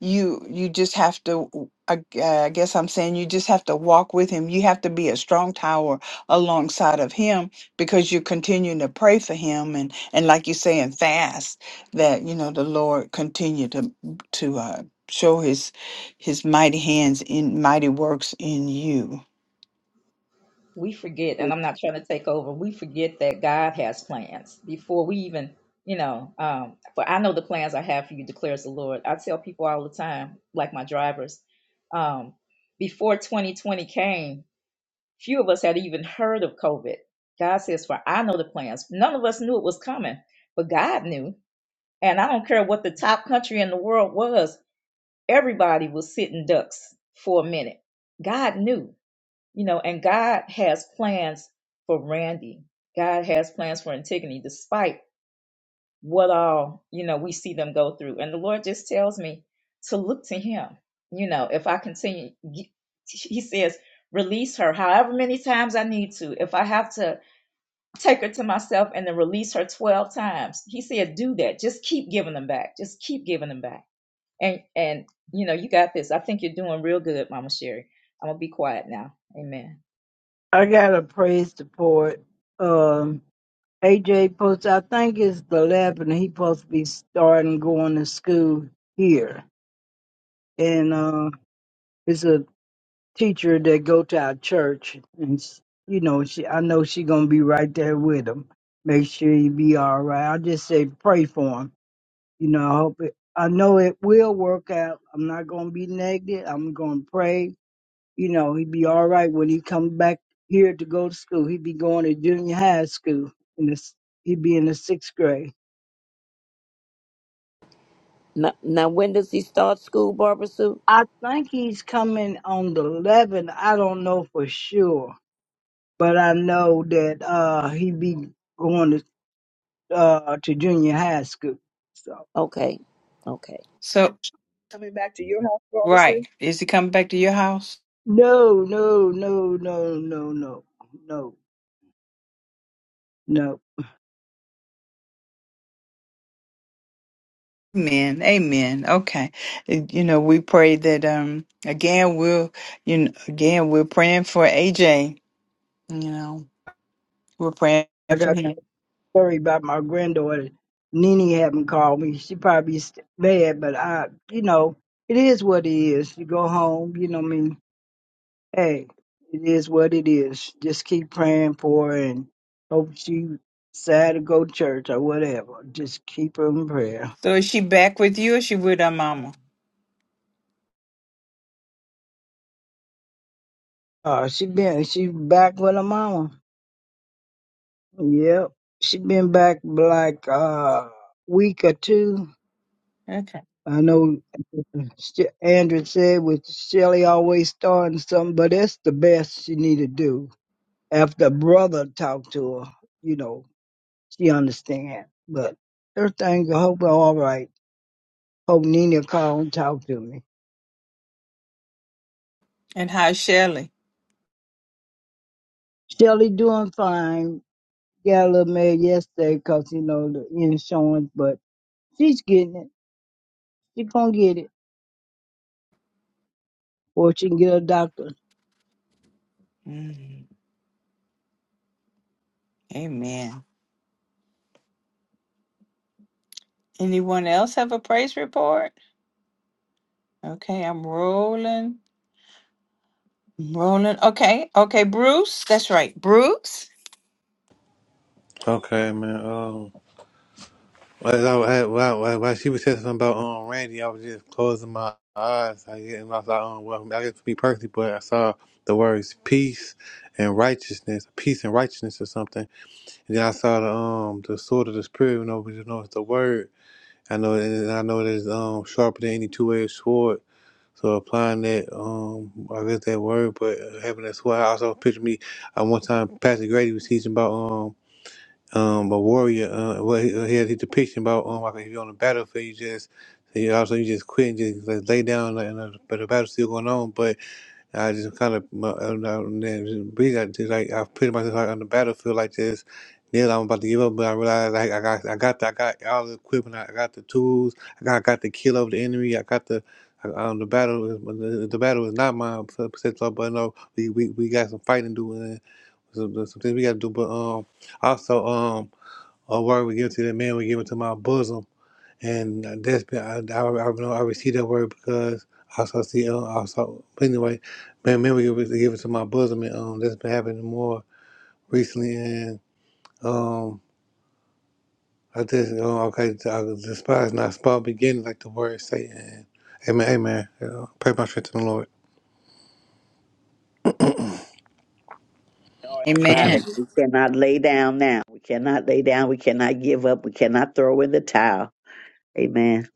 A: You you just have to. I, I guess I'm saying you just have to walk with him. You have to be a strong tower alongside of him because you're continuing to pray for him and and like you say, and fast that you know the Lord continue to to uh, show His His mighty hands in mighty works in you.
L: we forget, and
P: Please.
L: I'm not trying to take over, we forget that God has plans before we even, you know, um, for I know the plans I have for you, declares the Lord. I tell people all the time, like my drivers, um, before 2020 came, few of us had even heard of COVID. God says, For I know the plans. None of us knew it was coming, but God knew. And I don't care what the top country in the world was, everybody was sitting ducks for a minute. God knew you know, and God has plans for Randy. God has plans for Antigone, despite what all, you know, we see them go through. And the Lord just tells me to look to Him. You know, if I continue, He he says, release her however many times I need to. If I have to take her to myself and then release her 12 times, He said, do that. Just keep giving them back. Just keep giving them back. And, and, you know, you got this. I think you're doing real good, Mama Sherry. I'm going to be quiet now. Amen.
E: I got a praise report. Um, AJ post. I think it's the 11th. He supposed to be starting going to school here. And, uh, it's a teacher that go to our church, and s- you know, she I know she gonna be right there with him. Make sure he be all right. I just say pray for him. You know, I hope it. I know it will work out. I'm not gonna be negative. I'm gonna pray. You know, he be all right when he comes back here to go to school. He be going to junior high school, and this he be in the sixth grade.
I: Now, now when does he start school, Barbara Sue?
E: I think he's coming on the 11th. I don't know for sure, but I know that uh he be going to uh, to junior high school. So
I: Okay. Okay.
A: So
P: Coming back to your house, Robertson.
A: right, is He coming back to your house?
E: no, no, no, no, no, no, no, no.
A: Amen. Amen. Okay, And, you know we pray that um again we'll you know again we're praying for AJ. You know we're praying
E: I
A: for
E: got the
A: him.
E: story about my granddaughter. Nene haven't called me. She probably st- mad, but I, you know, it is what it is. You go home, you know what I mean? Hey, it is what it is. Just keep praying for her and hope she decide to go to church or whatever. Just keep her in prayer.
A: So is she back with you, or is she with her mama?
E: Uh, she been, she back with her mama. Yep. She been back like uh, week or two.
A: Okay.
E: I know She- Andrew said with Shelly always starting something, but that's the best she need to do. After brother talked to her, you know, she understand. But everything, I hope all right. Hope Nina call and talk to me.
A: And how's Shelley?
E: Shelly doing fine. Got a little mad yesterday 'cause you know, the insurance, but she's getting it. She gonna get it. Or she can get a doctor.
A: Mm, amen. Anyone else have a praise report? Okay, I'm rolling. I'm rolling. Okay, okay, Bruce. That's right, Bruce.
G: Okay, man. Um, as I, as- while, while, while she was saying something about um Randy, I was just closing my eyes. I get and I saw um, well, I guess to be perfectly, but I saw the words peace and righteousness, peace and righteousness or something. And then I saw the um the sword of the spirit. You know, but you know it's the word. I know, and I know that it's um sharper than any two edged sword. So applying that um, I guess that word, but having that sword, I also picture me. I one time Pastor Grady was teaching about um um, a warrior. Uh, what he, uh, he had his depiction about um, like if you're on the battlefield, you just you also you just quit and just like, lay down, like, and, uh, but the battle's still going on. But I just kind of my- uh, uh, breathe out, just like I put myself like, on the battlefield like this. Neil, I'm about to give up, but I realized like I got I got the, I got all the equipment, I got the tools, I got I got the kill of the enemy, I got the I- um, the battle is the, the battle is not mine, so- so- so, but no, we, we, we got some fighting to do and some, some things we got to do. But um, also um. Or word we give to that man, we give it to my bosom. And that's been, I, I, I know I received that word because I saw, see, uh, I saw, but anyway, man, man, we give it, give it to my bosom. And um, that's been happening more recently. And um, I just, uh, okay, so I despise not small beginning, like the word say. And amen, amen. Uh, pray my strength to the Lord.
P: or in the
G: Okay.
P: Bible.
A: Amen.
P: We cannot lay down now. We cannot lay down. We cannot give up. We cannot throw in the towel. Amen.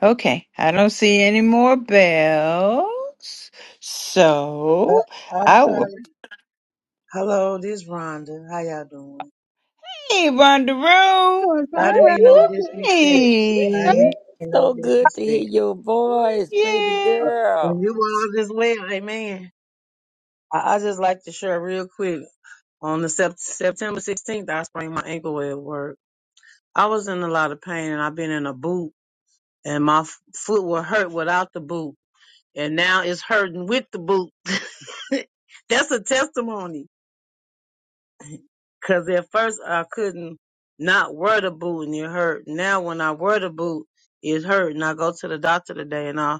A: Okay, I don't see any more bells.
Q: Uh,
A: So
Q: I'm
A: I will.
Q: sorry. Hello, this Rhonda. How y'all doing?
A: Hey, Rondeau.
P: So it's all
L: Whoop,
Q: I didn't
P: right,
Q: mean no
P: Rhonda.
L: whoop,
Q: disrespect. I didn't
A: Hey.
Q: mean no
I: So good to hear
Q: disrespect.
I: your voice, baby
Q: Uh, when
I: girl.
Q: you
A: Yes.
Q: all as well, amen. I, I just like to share real quick. On the sep- September 16th, I sprained my ankle at work. I was in a lot of pain and I've been in a boot and my f- foot will hurt without the boot. And now it's hurting with the boot. That's a testimony. Cause at first I couldn't not wear the boot and it hurt. Now when I wear the boot, it hurt. And I go to the doctor today and I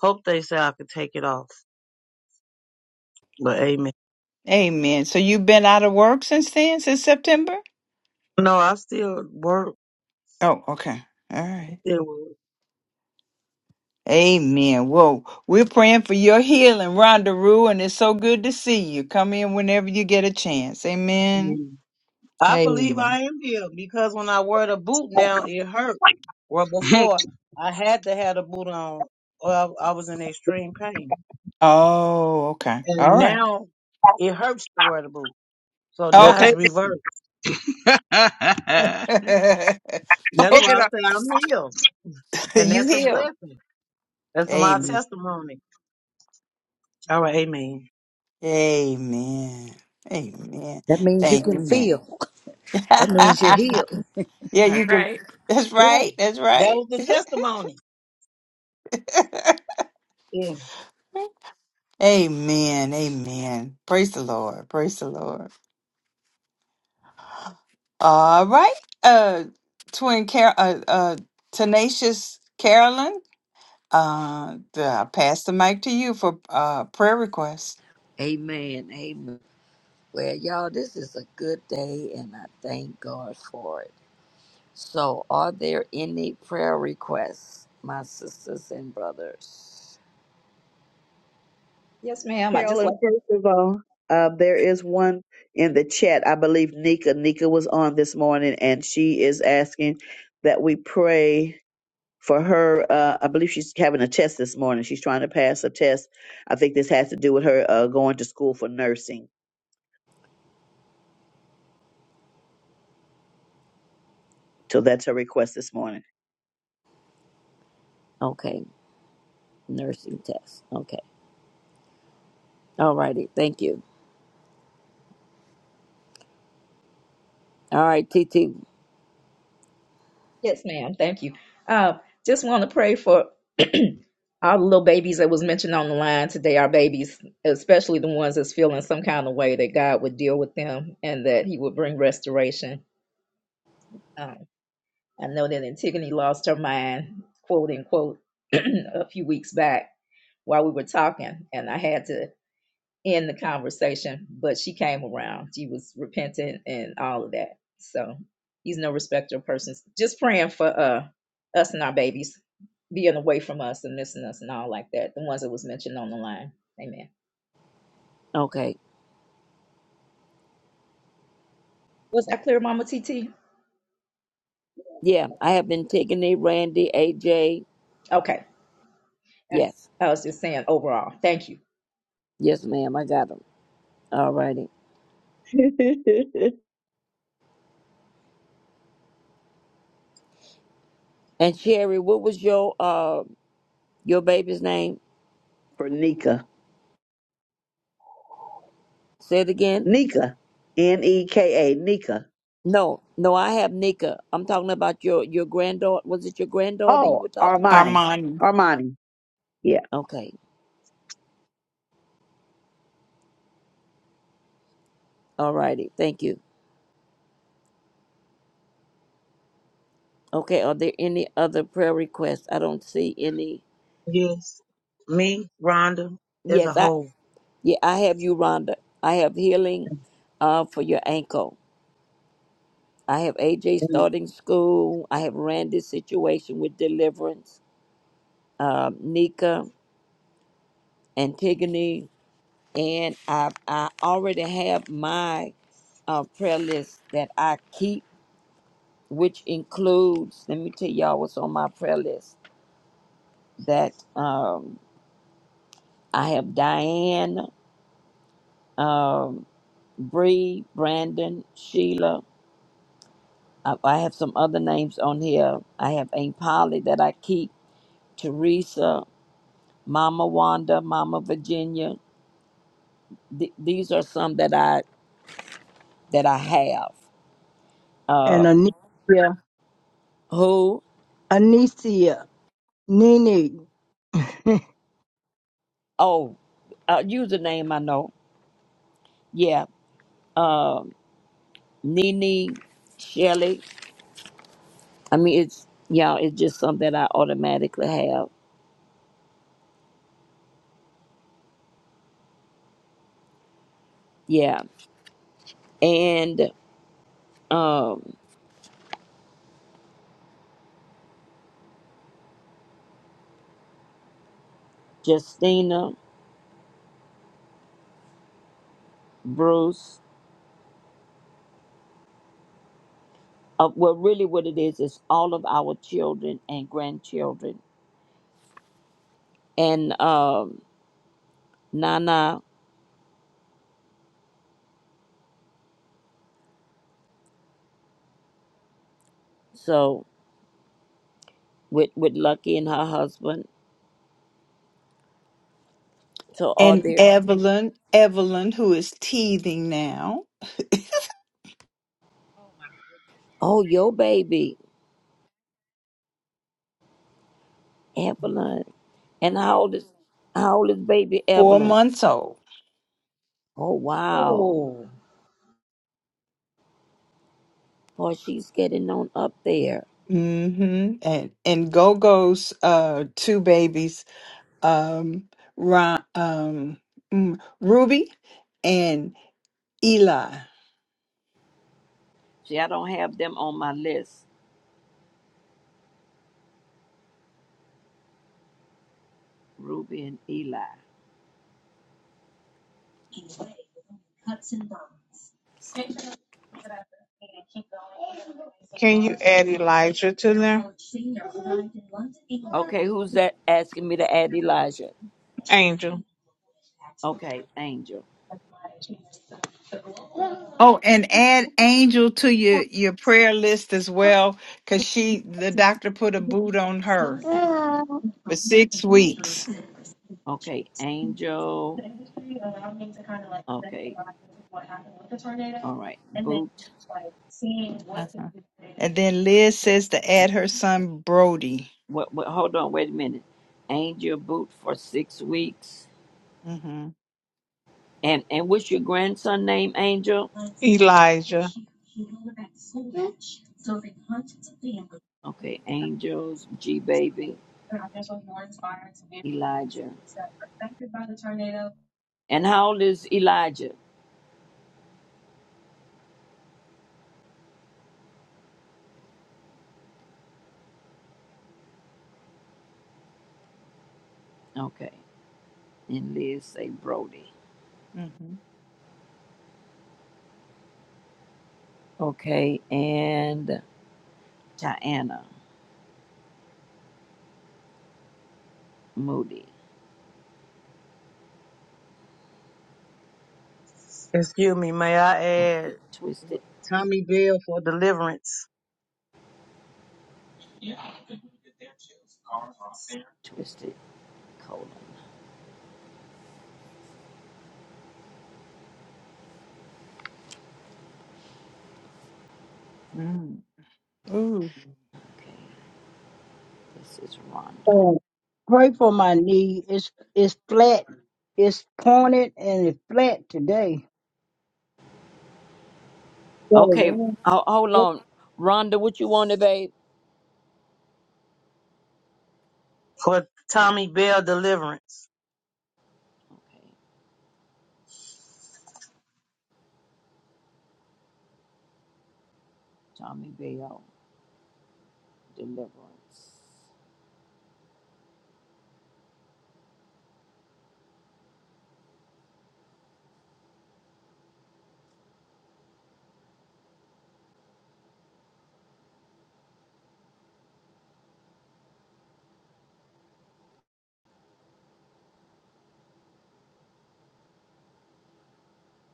Q: hope they say I could take it off. But amen.
A: Amen. So you've been out of work since then, since September?
Q: No, I still work.
A: Oh, okay. All right.
Q: Still work.
A: Amen. Well, we're praying for your healing, Rhonda Rue, and it's so good to see you. Come in whenever you get a chance. Amen.
Q: Mm. I believe I
A: Amen.
Q: am healed because when I wear the boot now, it hurt. Where before I had to have the boot on or I, I was in extreme pain.
A: Oh, okay.
Q: And
A: All right.
Q: now it hurts to wear the boot. So
J: well,
Q: now
A: Okay.
Q: it's
J: take it.
Q: reversed. That's
J: take it
Q: why
A: okay.
Q: I
J: up.
Q: say I'm healed. And
A: You
Q: that's a
A: heal.
Q: blessing. That's my
A: Amen.
Q: testimony. All right, amen.
A: Amen. Amen.
D: That means you
A: Thank you,
D: can
A: man.
D: feel. That means you're healed.
A: yeah,
O: All
A: you can.
O: Right.
A: That's
Q: Yeah,
A: right. That's
Q: that
A: right.
Q: was the testimony. Yeah,
A: amen. Amen. Praise the Lord. Praise the Lord. All right, uh, twin Car- uh, uh, tenacious Carolyn, uh, the- I pass the mic to you for uh prayer requests.
I: Amen. Amen. Well, y'all, this is a good day, and I thank God for it. So, are there any prayer requests, my sisters and brothers?
L: Yes, ma'am. I just
P: Carolyn,
L: like,
P: first of all, uh, there is one in the chat. I believe Nika. Nika was on this morning, and she is asking that we pray for her. Uh, I believe she's having a test this morning. She's trying to pass a test. I think this has to do with her uh, going to school for nursing. So that's her request this morning.
I: Okay, nursing test. Okay, all righty. Thank you. All right, T T.
L: yes, ma'am. Thank you. Uh, just want to pray for all the little babies that was mentioned on the line today, our babies, especially the ones that's feeling some kind of way that God would deal with them and that He would bring restoration. Um, I know that Antigone lost her mind, quote unquote, a few weeks back while we were talking, and I had to in the conversation, but she came around. She was repentant and all of that. So he's no respecter of persons. Just praying for uh us and our babies being away from us and missing us and all like that. The ones that was mentioned on the line. Amen.
I: Okay,
L: Was that clear, Mama TT?
I: yeah, I have been taking the Randy, AJ.
L: Okay.
I: Yes,
L: I was just saying overall. Thank you.
I: yes, ma'am. I got them. All righty. And Sherry, what was your uh your baby's name?
P: for Nika.
I: Say it again.
P: Nika, N E K A, Nika.
I: No, no, I have Nika. I'm talking about your your granddaughter. Was it your granddaughter you
P: Oh,
I: were talking about?
P: Armani,
A: Armani
P: Armani. Yeah.
I: Okay, all righty. Thank you. Okay, are there any other prayer requests? I don't see any.
Q: yes. Me, Rhonda, as a
I: Yes, I
Q: whole.
I: yeah, I have you, Rhonda. I have healing uh, for your ankle. I have AJ
Q: Mm.
I: starting school. I have Randy's situation with deliverance, um, Nika, Antigone, and I I already have my uh, prayer list that I keep, which includes. Let me tell y'all what's on my prayer list. That um, I have Diane. Um, Bree, Brandon, Sheila. I, I have some other names on here. I have Aunt Polly that I keep, Teresa, Mama Wanda, Mama Virginia. Th- these are some that I that I have.
E: And a knee.
I: Who?
E: Anicia, Nene, uh,
I: Oh, uh, username I know. Yeah, Nene, Shelly. I mean, it's y'all. it's just something that I automatically have. Yeah, and um, Justina, Bruce. Uh, well, really, what it is is all of our children and grandchildren, and um, Nana. So with with Lucky and her husband. So are
A: and
I: there?
A: Evelyn, Evelyn, who is teething now,
L: Oh
I: Oh, your baby Evelyn. And how old is how old is baby
A: four
I: Evelyn?
A: months old.
I: Oh wow,
L: my.
I: boy, she's getting on up there.
A: Mm-hmm. And and Go Go's uh two babies, um, Ron, um, mm, Ruby and Eli.
I: See, I don't have them on my list. Ruby and Eli.
H: Can you add Elijah to there?
I: Okay, who's that asking me to add Elijah?
H: Angel.
I: Okay, Angel.
A: Oh, and add Angel to your your prayer list as well, because she the doctor put a boot on her for six weeks.
I: Okay, Angel. Okay, All right, boot.
A: Uh-huh. And then Liz says to add her son Brody.
I: What, what? Hold on, wait a minute. Angel boot for six weeks.
A: Mm-hmm.
I: And and what's your grandson name? Angel.
H: Elijah.
I: Okay, Angels G baby Elijah. And how old is Elijah? Okay. And Liz say Brody.
A: Mm-hmm.
I: Okay, and Diana Moody.
Q: Excuse me, may I add
I: Twisted,
Q: Tommy Bell for deliverance?
I: twisted colon.
A: Mm. Ooh.
I: Okay, this is Rhonda.
E: pray for my knee. It's it's flat. It's pointed and it's flat today.
I: Okay, ho- hold on, Rhonda. What you wanted, babe?
Q: For Tommy Bell deliverance.
I: Okay, Tommy Bell. Deliverance.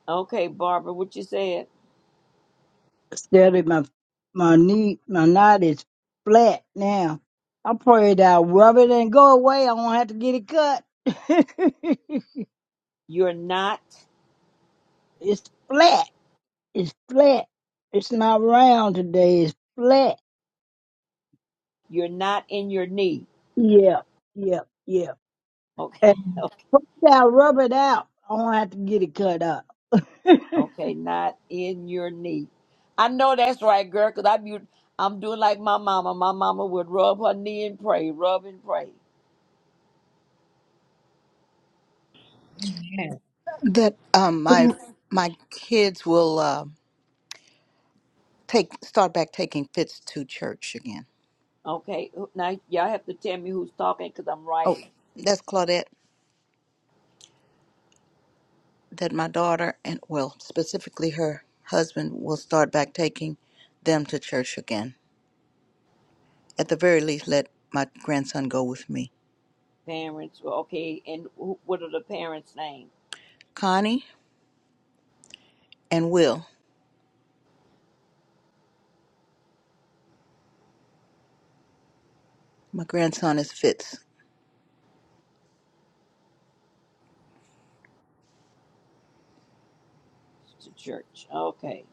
I: Okay, Barbara, what you said?
E: Steady, my my knee, my knot is flat now. I pray that I rub it and go away. I won't have to get it cut.
I: You're not,
E: it's flat. It's flat. It's not round today. It's flat.
I: you're not in your knee.
E: Yeah, yeah, yeah.
I: Okay,
E: Rub rub it out. I don't have to get it cut up. They're
I: okay, not in your knee. I know that's right, girl, because I'm, u- I'm doing like my mama. My mama would rub her knee and pray, rub and pray.
L: Oh.
D: That um my my kids will uh, take start back taking fits to church again.
I: Okay, who- now y'all have to tell me who's talking because I'm
D: Oh,
I: writing.
D: that's Claudette. That my daughter and well specifically her husband will start back taking them to church again. At the very least, let my grandson go with me.
I: Parents, well, okay, and who, what are the parents' names?
D: Connie and Will. My grandson is Fitz.
I: The church, okay.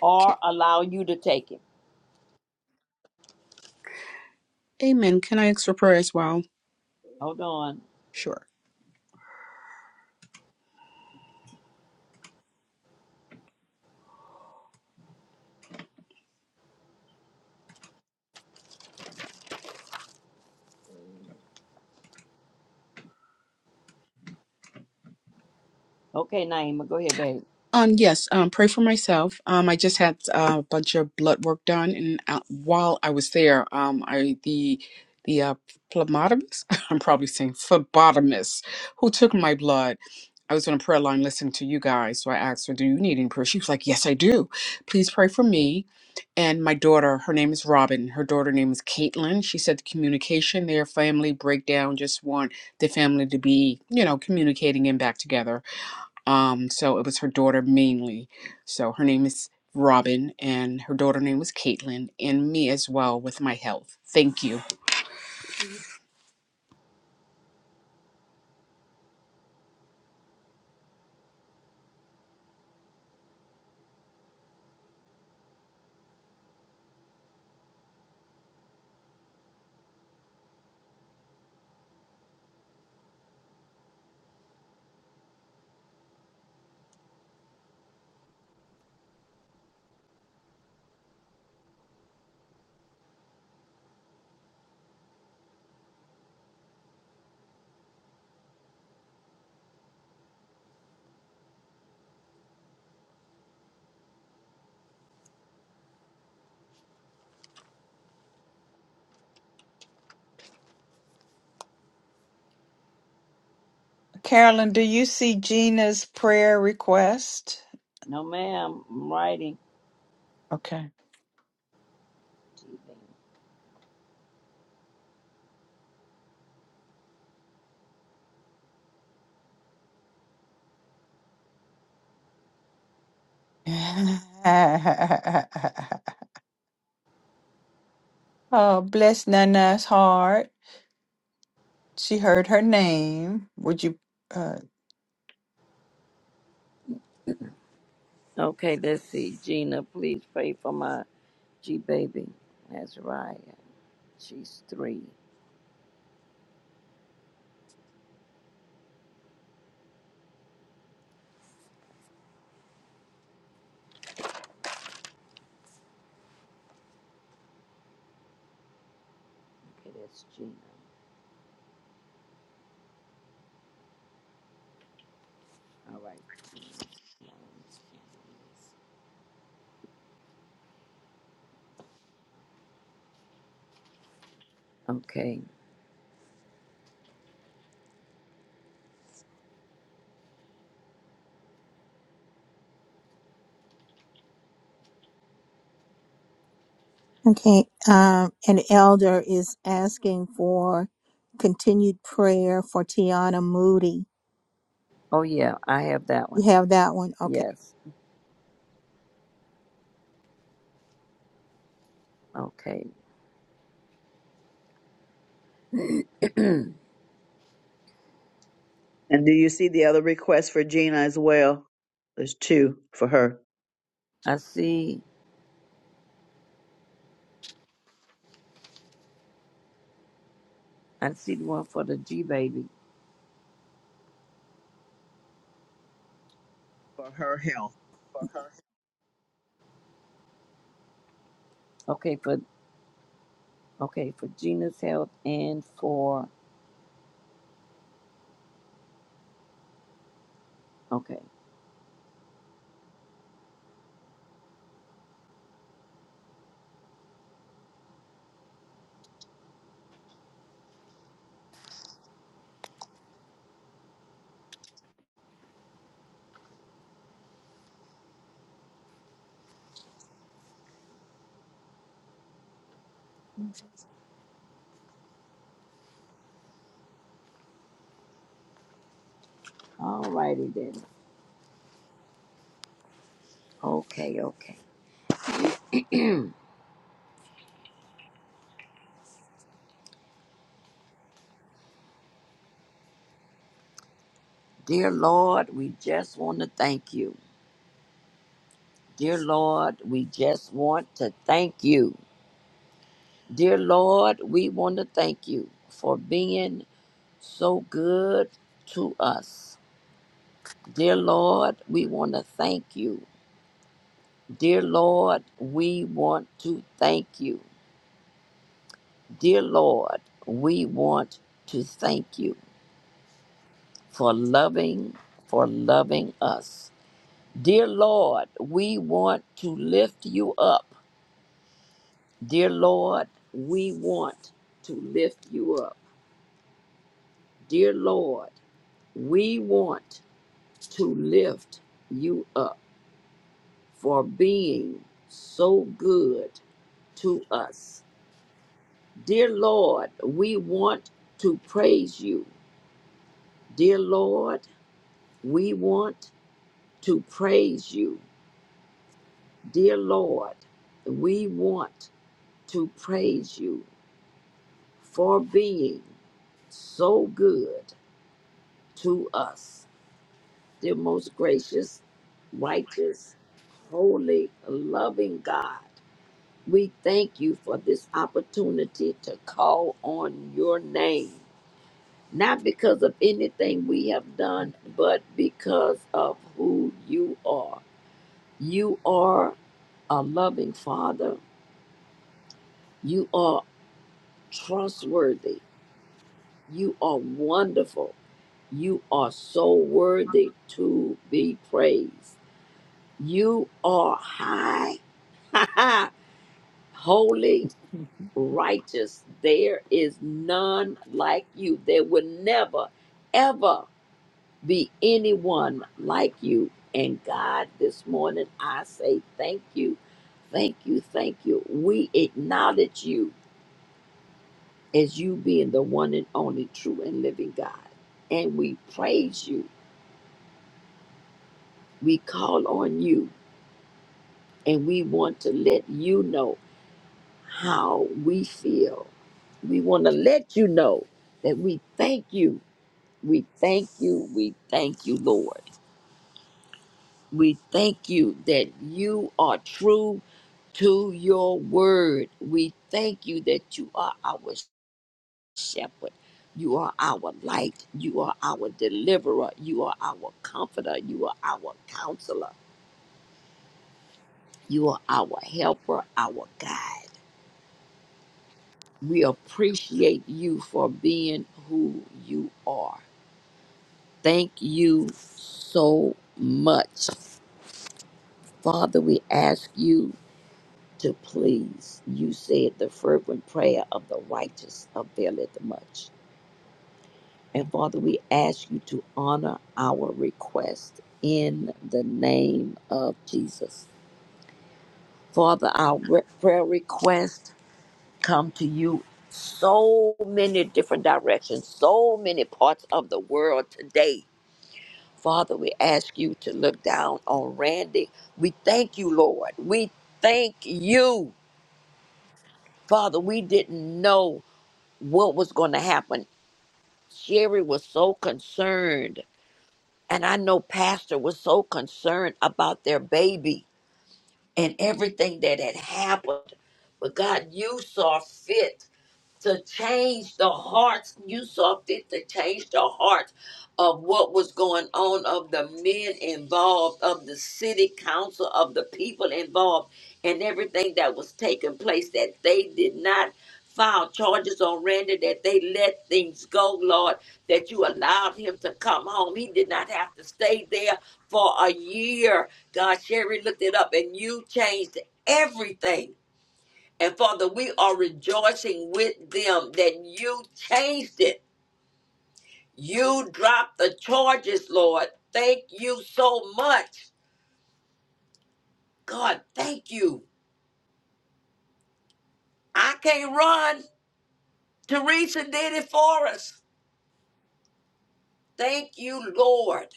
I: Or allow you to take it.
K: Amen. Can I ask for prayer as well?
I: Hold on.
K: Sure.
I: Okay, Naima, go ahead, babe.
K: Um, yes, um, pray for myself. Um, I just had uh, a bunch of blood work done, and uh, while I was there, um, I the the uh, phlebotomist, I'm probably saying phlebotomist, who took my blood. I was on a prayer line listening to you guys. So I asked her, Do you need any prayer? She was like, Yes, I do. Please pray for me. And my daughter, her name is Robin. Her daughter name is Caitlin. She said the communication, their family breakdown, just want the family to be, you know, communicating and back together. Um, so it was her daughter mainly. So her name is Robin and her daughter name was Caitlin and me as well with my health. Thank you.
A: Carolyn, do you see Gina's prayer request?
I: No, ma'am, I'm writing.
A: Okay. oh, bless Nana's heart. She heard her name. Would you? uh,
I: Okay, let's see. Gina, please pray for my G baby, Azariah. She's three. Okay, that's Gina. All right. Okay.
B: Okay, um, an elder is asking for continued prayer for Tiana Moody.
I: Oh, yeah, I have that
B: You
I: one.
B: have that one? Okay.
I: Yes. Okay.
P: And do you see the other request for Gina as well? There's two for her.
I: I see. I see the one for the G baby.
P: For her.
I: Okay, for okay for Gina's health and for okay. All righty then. Okay, okay. Dear Lord, we just want to thank you. Dear Lord, we just want to thank you. Dear Lord, we want to thank you for being so good to us. Dear Lord, we want to thank you. Dear Lord, we want to thank you. Dear Lord, we want to thank you for loving, for loving us. Dear Lord, we want to lift you up. Dear Lord, we want to lift you up. Dear Lord, we want to lift you up for being so good to us. Dear Lord, we want to praise you. Dear Lord, we want to praise you. Dear Lord, we want to praise you for being so good to us. dear most gracious, righteous, holy, loving God. We thank you for this opportunity to call on your name, not because of anything we have done, but because of who you are. You are a loving father. You are trustworthy. You are wonderful. You are so worthy to be praised. You are high Holy, righteous, there is none like you. There will never, ever be anyone like you. And God, this morning I say thank you, thank you, thank you. We acknowledge you as you being the one and only true and living God. And we praise you. We call on you. And we want to let you know. how we feel. We want to let you know that we thank you. We thank you. We thank you, Lord. We thank you that you are true to your word. We thank you that you are our shepherd. You are our light. You are our deliverer. You are our comforter. You are our counselor. You are our helper, our guide. We appreciate you for being who you are. Thank you so much. Father, we ask you to please. You said the fervent prayer of the righteous availeth much. And Father, we ask you to honor our request in the name of Jesus. Father, our re- prayer requests come to you so many different directions, so many parts of the world today Father, we ask you to look down on Randy. We thank you, Lord. We thank you. Father, we didn't know what was going to happen. Sherry was so concerned, and I know Pastor was so concerned about their baby and everything that had happened. But God, you saw fit to change the hearts. You saw fit to change the hearts of what was going on, of the men involved, of the city council, of the people involved, and everything that was taking place that they did not file charges on Randy, that they let things go, Lord, that you allowed him to come home. He did not have to stay there for a year. God, Sherry looked it up and you changed everything and Father, we are rejoicing with them that you changed it. You dropped the charges, Lord. Thank you so much. God, thank you. I can't run. Teresa did it for us. Thank you, Lord,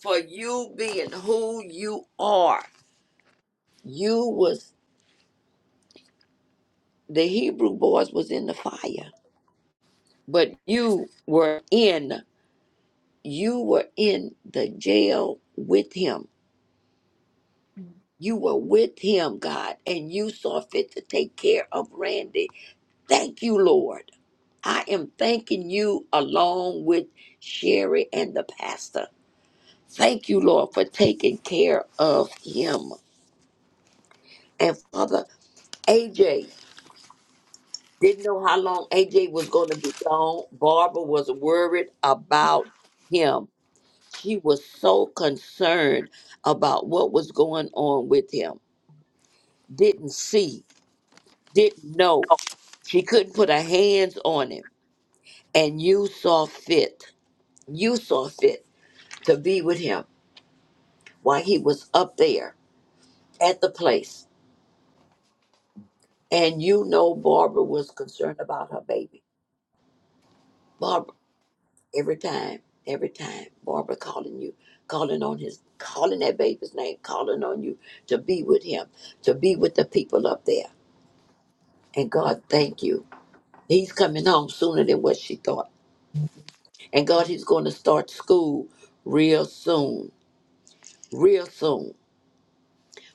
I: for you being who you are. You was the Hebrew boys was in the fire, but you were in you were in the jail with him You were with him, God, and you saw fit to take care of Randy. Thank you, Lord. I am thanking you along with Sherry and the pastor. Thank you, Lord, for taking care of him. And Father, AJ didn't know how long AJ was going to be gone. Barbara was worried about him. She was so concerned about what was going on with him. Didn't see, didn't know She couldn't put her hands on him. And you saw fit, you saw fit to be with him while he was up there at the place. And you know Barbara was concerned about her baby. Barbara, every time, every time, Barbara calling you, calling on his, calling that baby's name, calling on you to be with him, to be with the people up there. And God, thank you. He's coming home sooner than what she thought. And God, he's going to start school real soon, real soon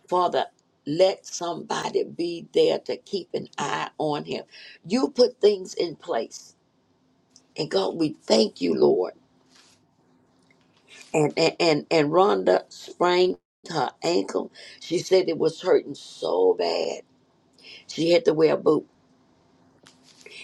I: Father, let somebody be there to keep an eye on him. You put things in place. And God, we thank you, Lord. And and and, and Rhonda sprained her ankle. She said it was hurting so bad. She had to wear a boot.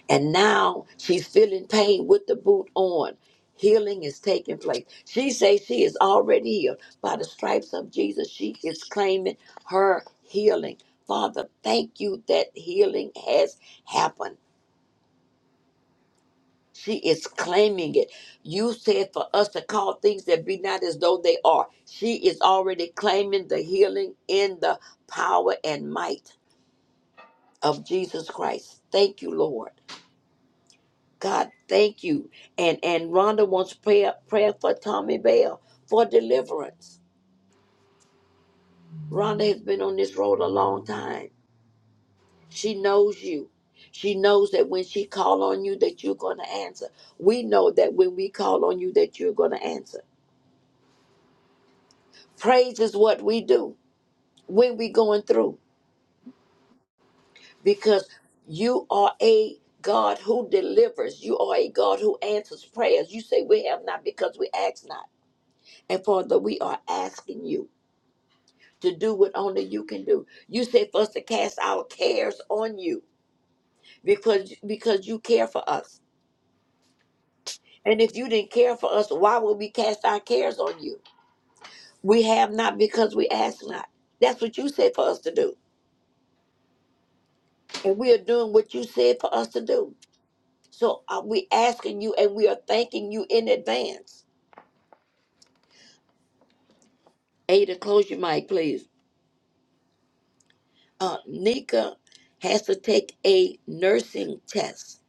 I: And now she's feeling pain with the boot on. Healing is taking place. She says she is already healed. By the stripes of Jesus, she is claiming her healing. Father, thank you that healing has happened. She is claiming it. You said for us to call things that be not as though they are. She is already claiming the healing in the power and might of Jesus Christ. Thank you, Lord. God, thank you. And and Rhonda wants prayer prayer for Tommy Bell for deliverance. Rhonda has been on this road a long time. She knows you. She knows that when she call on you that you're going to answer. We know that when we call on you that you're going to answer. Praise is what we do when we going through because you are a God who delivers. You are a God who answers prayers. You say we have not because we ask not. And Father, we are asking you to do what only you can do. You said for us to cast our cares on you because because you care for us. And if you didn't care for us, why would we cast our cares on you? We have not because we ask not. That's what you said for us to do. And we are doing what you said for us to do. So are we asking you and we are thanking you in advance. Ada, close your mic, please. Uh, Nika has to take a nursing test.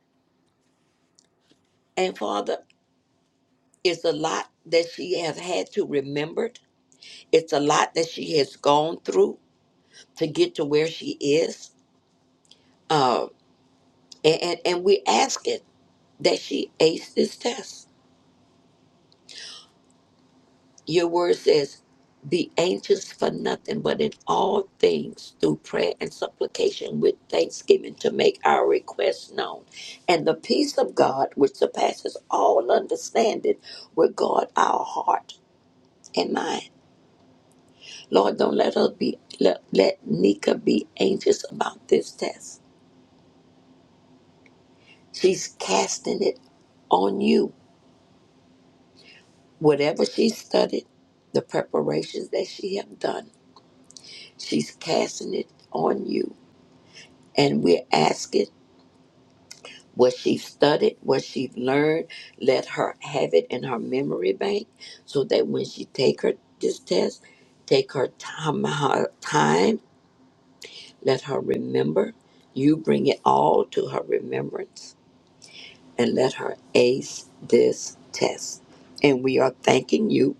I: And Father, it's a lot that she has had to remember It's a lot that she has gone through to get to where she is. Uh, and, and, and we ask it that she ace this test. Your word says, be anxious for nothing, but in all things through prayer and supplication with thanksgiving to make our requests known. And the peace of God, which surpasses all understanding, will guard our heart and mind. Lord, don't let her be let, let Nika be anxious about this test She's casting it on you. Whatever she studied, the preparations that she have done, she's casting it on you. And we're asking what she studied, what she learned, let her have it in her memory bank so that when she take her this test, take her time, her time, let her remember. You bring it all to her remembrance and let her ace this test. And we are thanking you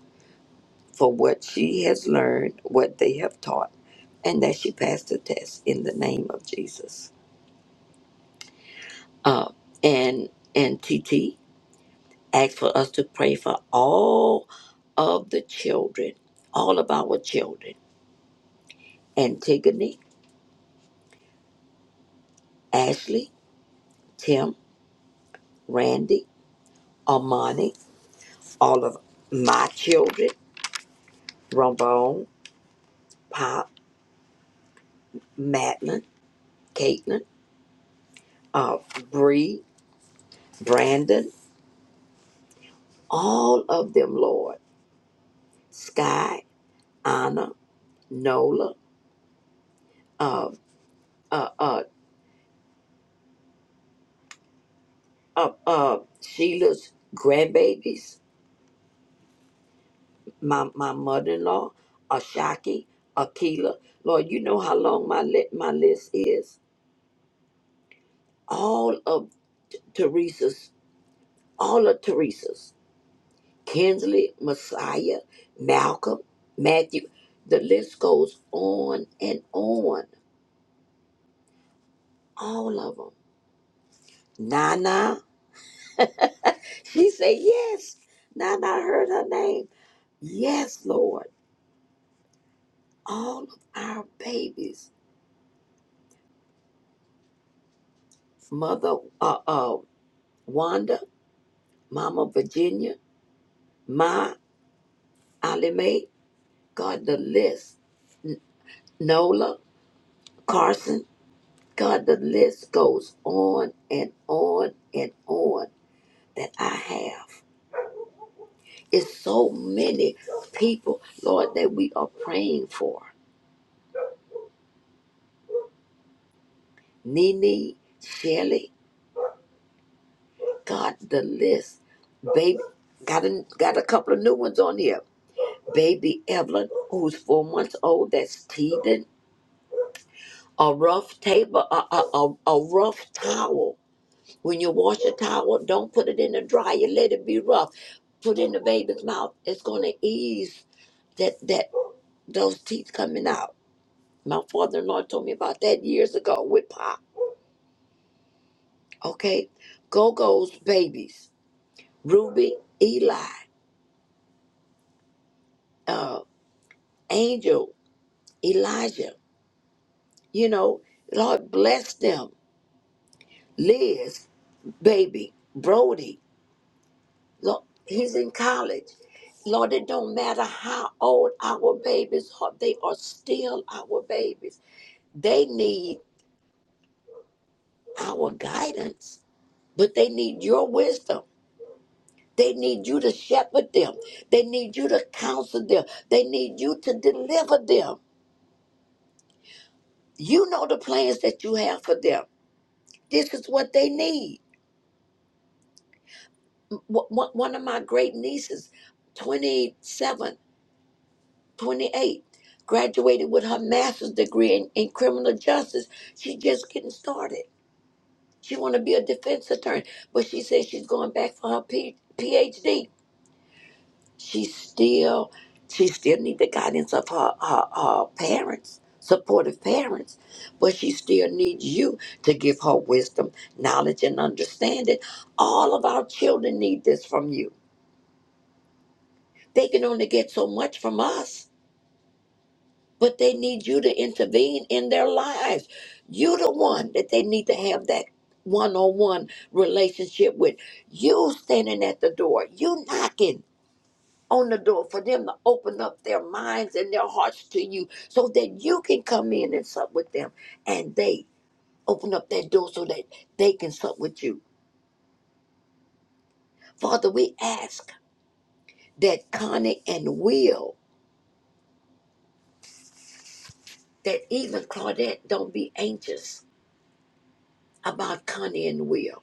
I: for what she has learned, what they have taught, and that she passed the test in the name of Jesus. Uh, and and T T asked for us to pray for all of the children, all of our children: Antigone, Ashley, Tim, Randy, Armani, all of my children, Rombone, Pop, Madeline, Caitlin, uh, Bree, Brandon, all of them, Lord. Sky Anna, Nola, uh, uh, uh, uh, uh, Sheila's grandbabies, my, my mother-in-law, Ashaki, Akila. Lord, you know how long my, li- my list is. All of Teresa's, all of Teresa's, Kinsley, Messiah, Malcolm, Matthew. The list goes on and on. All of them. Nana, she said yes. Nana heard her name. Yes, Lord. all of our babies, Mother uh, uh, Wanda, Mama Virginia, Ma, Ali Mae, God, the list, Nola, Carson, God, the list goes on and on and on that I have. It's so many people, Lord, that we are praying for. Nene, Shelly, God, the list. Baby, got a, got a couple of new ones on here. baby Evelyn, who's four months old, that's teething. A rough table, a, a, a, a rough towel. When you wash a towel, don't put it in the dryer. Let it be rough. Put it in the baby's mouth. It's gonna ease that that those teeth coming out. My father-in-law told me about that years ago with Pop. Okay, Go-Go's babies, Ruby, Eli, uh, Angel, Elijah. You know, Lord bless them Liz, baby, Brody, Lord, he's in college. Lord, it don't matter how old our babies are, they are still our babies. They need our guidance, but they need your wisdom. They need you to shepherd them. They need you to counsel them. They need you to deliver them. You know the plans that you have for them. This is what they need. W- One one of my great nieces, 27. 28, graduated with her master's degree in, in criminal justice. She's just getting started. She want to be a defense attorney, but she says she's going back for her P- PhD. She still, she still need the guidance of her, her, her parents, supportive parents, but she still needs you to give her wisdom, knowledge, and understanding. All of our children need this from you. They can only get so much from us but they need you to intervene in their lives. You're the one that they need to have that one on one relationship with. You standing at the door, you knocking on the door for them to open up their minds and their hearts to you so that you can come in and sup with them and they open up that door so that they can sup with you. Father, we ask that Connie and Will, that even Claudette don't be anxious about Connie and Will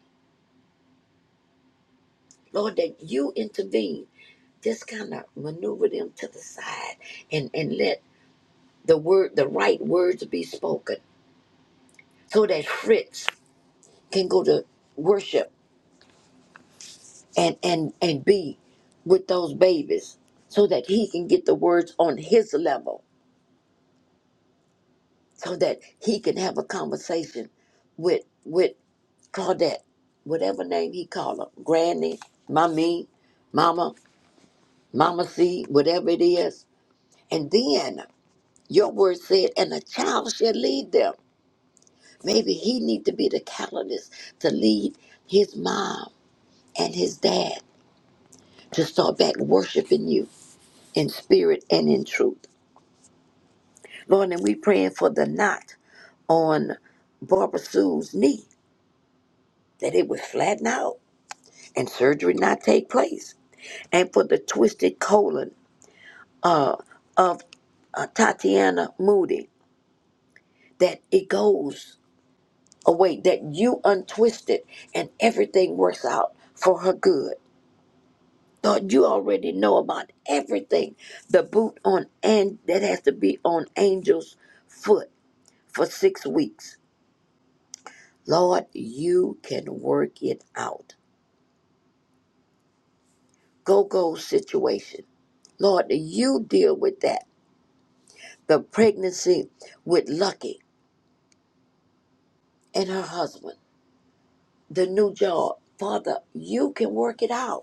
I: Lord, that you intervene. Just kind of maneuver them to the side and, and let the word, the right words be spoken so that Fritz can go to worship and, and, and be with those babies so that he can get the words on his level so that he can have a conversation with, with Claudette, whatever name he call her, granny, mommy, mama, mama C, whatever it is. And then Your word said, and a child shall lead them. Maybe he need to be the catalyst to lead his mom and his dad to start back worshiping you in spirit and in truth. Lord, and we praying for the knot on Barbara Sue's knee, that it would flatten out and surgery not take place. And for the twisted colon uh, of uh, Tatiana Moody, that it goes a way that you untwist it and everything works out for her good. Lord, you already know about everything. The boot on and that has to be on Angel's foot for six weeks. Lord, you can work it out. Go go situation. Lord, you deal with that. The pregnancy with Lucky and her husband. The new job. Father, you can work it out.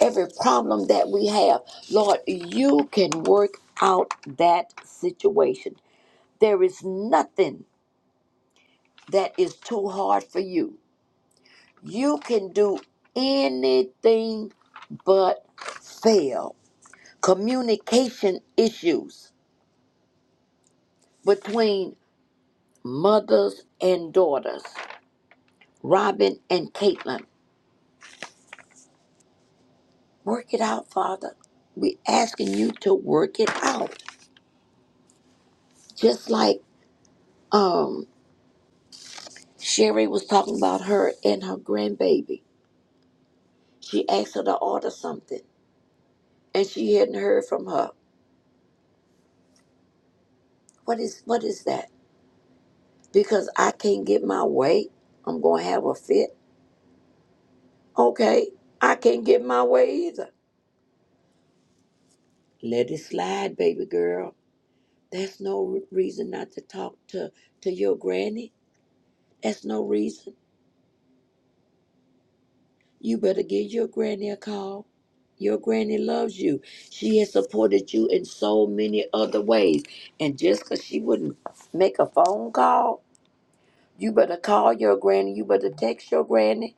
I: every problem that we have. Lord, you can work out that situation. There is nothing that is too hard for you. You can do anything but fail. Communication issues between mothers and daughters, Robin and Caitlin. Work it out, Father. We're asking you to work it out. Just like um Sherry was talking about her and her grandbaby. She asked her to order something, and she hadn't heard from her. What is what is that? Because I can't get my way, I'm gonna have a fit. Okay, I can't get my way either. Let it slide, baby girl. That's no re- reason not to talk to to your granny. That's no reason. You better give your granny a call. Your granny loves you. She has supported you in so many other ways. And just because she wouldn't make a phone call, you better call your granny. You better text your granny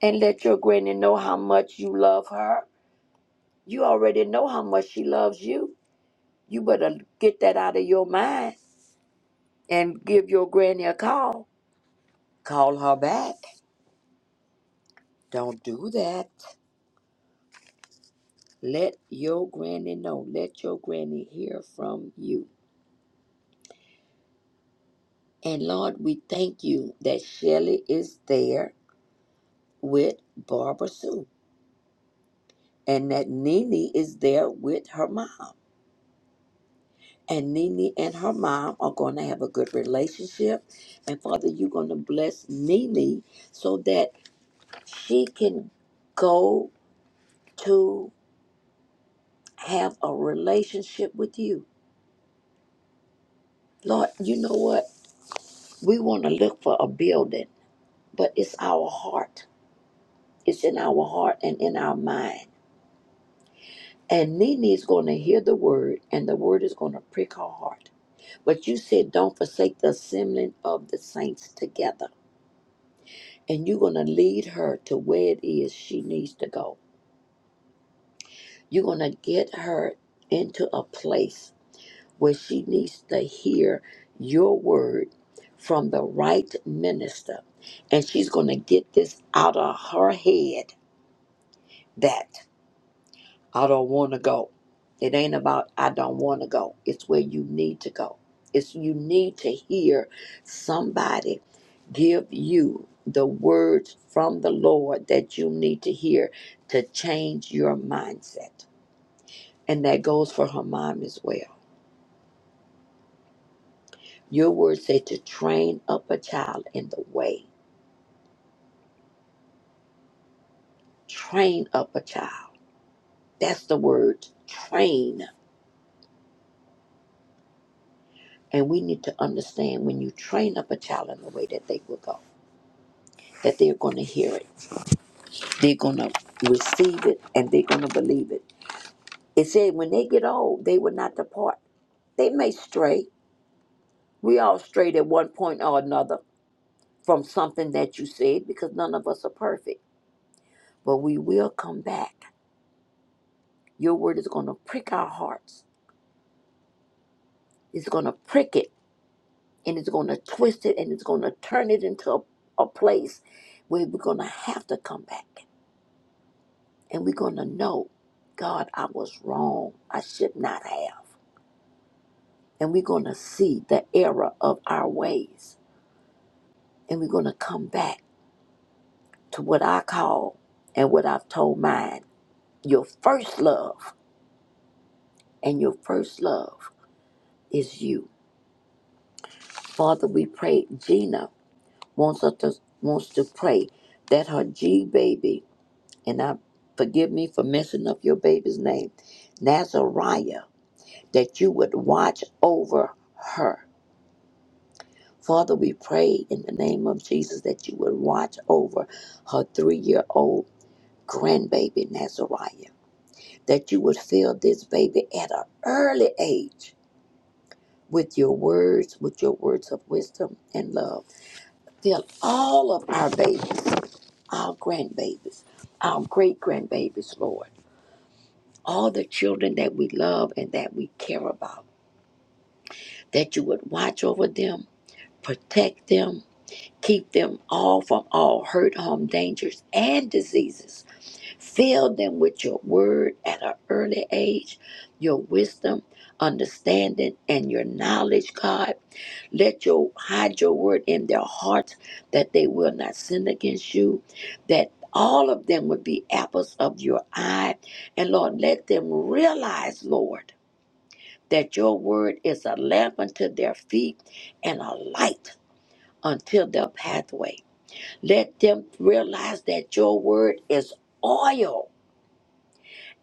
I: and let your granny know how much you love her. You already know how much she loves you. You better get that out of your mind and give your granny a call. Call her back. Don't do that. Let your granny know. Let your granny hear from you. And Lord, we thank you that Shelly is there with Barbara Sue and that Nene is there with her mom. And Nene and her mom are going to have a good relationship. And Father, you're going to bless Nene so that she can go to have a relationship with you. Lord, you know what? We want to look for a building, but it's our heart. It's in our heart and in our mind And Nene's going to hear the word, and the word is going to prick her heart. But you said, don't forsake the assembling of the saints together. And you're going to lead her to where it is she needs to go. You're going to get her into a place where she needs to hear your word from the right minister. And she's going to get this out of her head that. I don't want to go. It ain't about I don't want to go. It's where you need to go. It's you need to hear somebody give you the words from the Lord that you need to hear to change your mindset. And that goes for her mom as well. Your words say to train up a child in the way. Train up a child. That's the word train. And we need to understand when you train up a child in the way that they will go, that they're going to hear it They're going to receive it and they're going to believe it. It said when they get old, they will not depart. They may stray. We all strayed at one point or another from something that you said because none of us are perfect. But we will come back. Your word is going to prick our hearts. It's going to prick it and it's going to twist it and it's going to turn it into a, a place where we're going to have to come back and we're going to know, God, I was wrong. I should not have. and we're going to see the error of our ways. And we're going to come back to what I call and what I've told mine your first love. And your first love is you. Father, we pray. Gina wants us to, wants to pray that her G baby, and I forgive me for messing up your baby's name, Nazariah, that you would watch over her Father, we pray in the name of Jesus that you would watch over her three year old grandbaby, Nazariah, that you would fill this baby at an early age with your words, with your words of wisdom and love. Fill all of our babies, our grandbabies, our great grandbabies, Lord, all the children that we love and that we care about, that you would watch over them, protect them, Keep them all from all hurt, harm, dangers, and diseases. Fill them with your word at an early age, your wisdom, understanding, and your knowledge, God. Let your hide your word in their hearts that they will not sin against you, that all of them would be apples of your eye. And Lord, let them realize, Lord, that your word is a lamp unto their feet and a light unto their pathway. Let them realize that your word is oil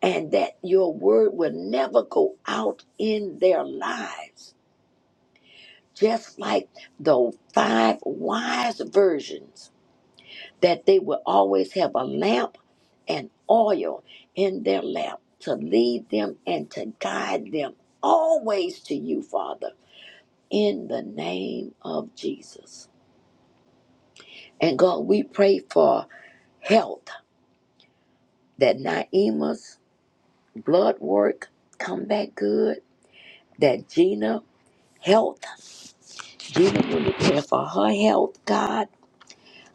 I: and that your word will never go out in their lives. Just like the five wise virgins, that they will always have a lamp and oil in their lamp to lead them and to guide them always to you, Father, in the name of Jesus. And God, we pray for health that Naima's blood work come back good. That Gina health, Gina really care for her health, God.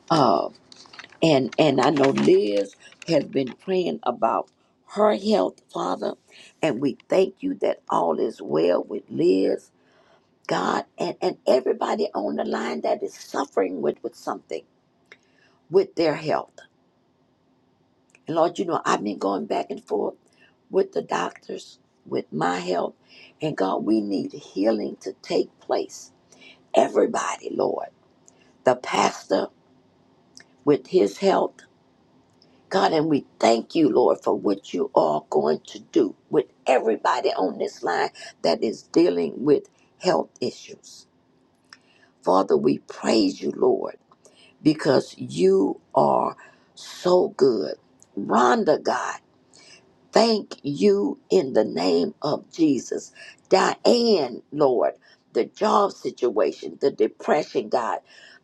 I: Uh, and and I know Liz has been praying about her health, Father. And we thank you that all is well with Liz, God, and, and everybody on the line that is suffering with, with something with their health. And Lord, you know, I've been going back and forth with the doctors, with my health. And God, we need healing to take place. Everybody, Lord. The pastor with his health. God, and we thank you, Lord, for what you are going to do with everybody on this line that is dealing with health issues. Father, we praise you, Lord, because you are so good. Rhonda, God. thank you in the name of Jesus. Diane, Lord, the job situation, the depression, God,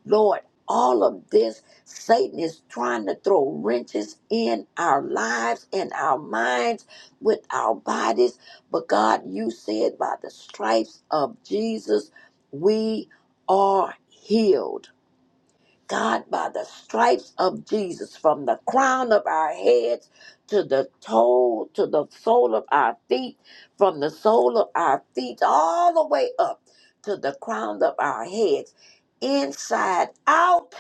I: Lord, all of this, Satan is trying to throw wrenches in our lives, in our minds, with our bodies. But God, you said by the stripes of Jesus, we are healed. God, by the stripes of Jesus, from the crown of our heads to the toe, to the sole of our feet, from the sole of our feet all the way up to the crown of our heads, inside out,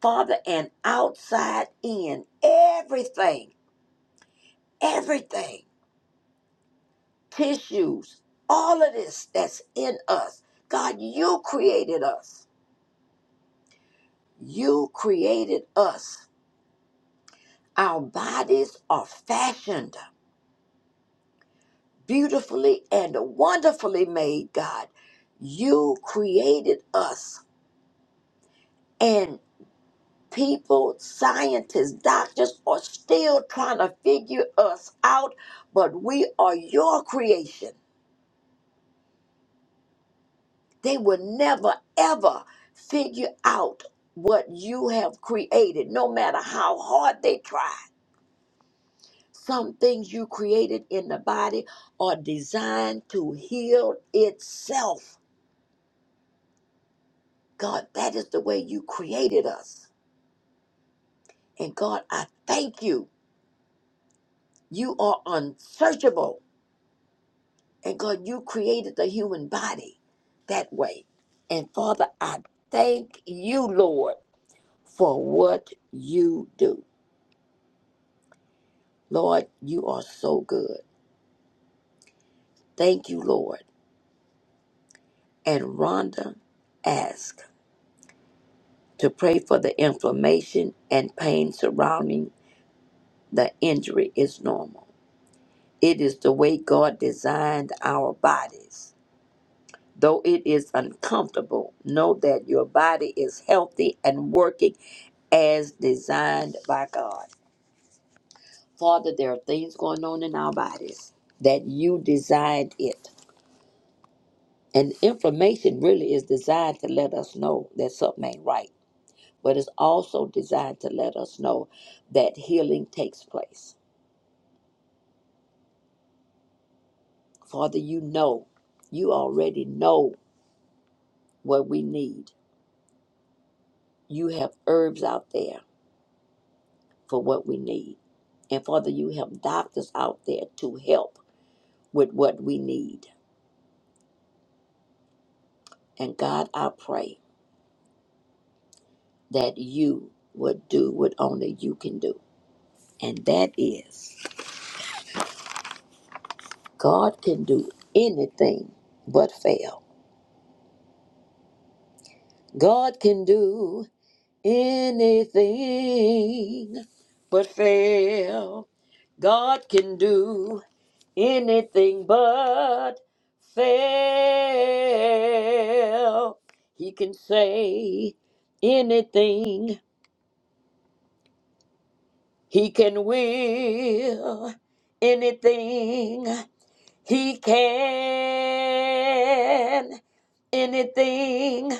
I: Father, and outside in. Everything, everything, tissues, all of this that's in us. God, you created us. You created us Our bodies are fashioned beautifully and wonderfully made, God. You created us, and people, scientists, doctors are still trying to figure us out, but we are your creation. They will never, ever figure out what you have created, no matter how hard they try. Some things you created in the body are designed to heal itself God, that is the way you created us. And God, I thank you. You are unsearchable. And God, you created the human body that way. And Father, I thank you, Lord, for what you do. Lord, you are so good. Thank you, Lord. And Rhonda asked to pray for the inflammation and pain surrounding the injury is normal. It is the way God designed our bodies Though it is uncomfortable, know that your body is healthy and working as designed by God. Father, there are things going on in our bodies that you designed it. And information really is designed to let us know that something ain't right, but it's also designed to let us know that healing takes place. Father, you know, you already know what we need. You have herbs out there for what we need. And Father, you have doctors out there to help with what we need. And God, I pray that you would do what only you can do. And that is, God can do anything but fail. God can do anything but fail. God can do anything but fail. He can say anything, he can will anything, he can anything.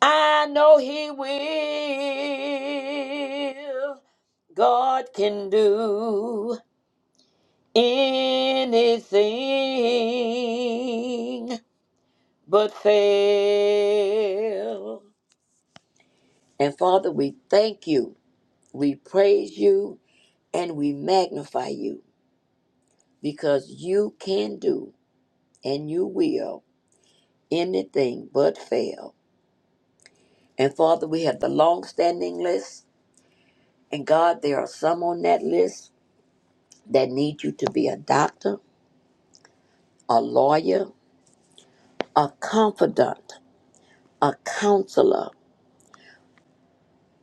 I: I know he will. God can do anything. but fail. And Father, we thank you, we praise you, and we magnify you because you can do and you will anything but fail. And Father, we have the long standing list, and God, there are some on that list that need you to be a doctor, a lawyer, a confidant, a counselor,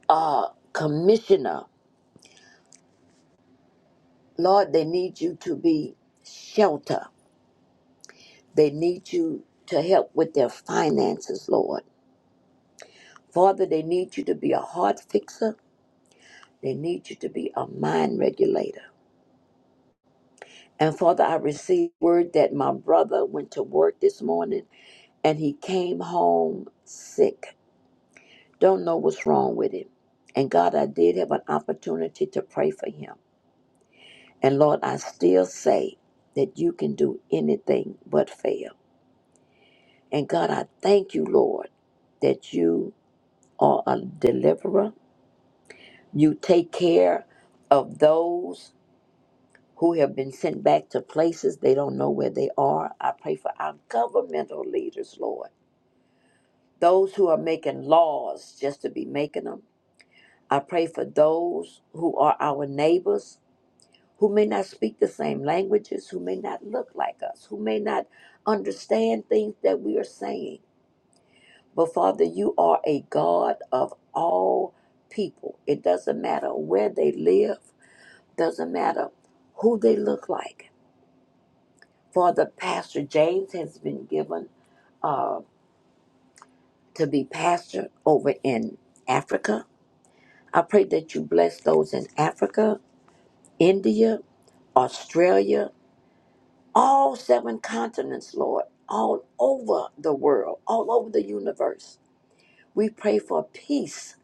I: a commissioner. Lord, they need you to be shelter. They need you to help with their finances, Lord. Father, they need you to be a heart fixer. They need you to be a mind regulator. And Father, I received word that my brother went to work this morning and he came home sick. Don't know what's wrong with him. And God, I did have an opportunity to pray for him. And Lord, I still say that you can do anything but fail. And God, I thank you, Lord, that you are a deliverer You take care of those who have been sent back to places they don't know where they are. I pray for our governmental leaders, Lord. Those who are making laws just to be making them. I pray for those who are our neighbors who may not speak the same languages, who may not look like us, who may not understand things that we are saying. But Father, you are a God of all people. It doesn't matter where they live doesn't matter who they look like. For the pastor, James has been given uh, to be pastor over in Africa. I pray that you bless those in Africa, India, Australia, all seven continents, Lord, all over the world, all over the universe. We pray for peace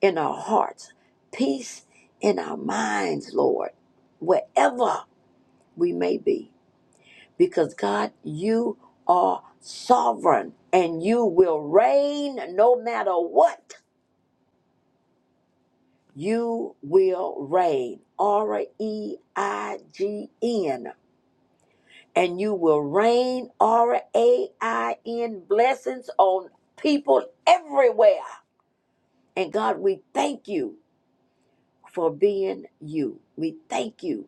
I: in our hearts, peace in our minds, Lord, wherever we may be. because God, you are sovereign and you will reign no matter what. You will reign. R E I G N. And you will reign R A I N blessings on people everywhere. And God, we thank you for being you. We thank you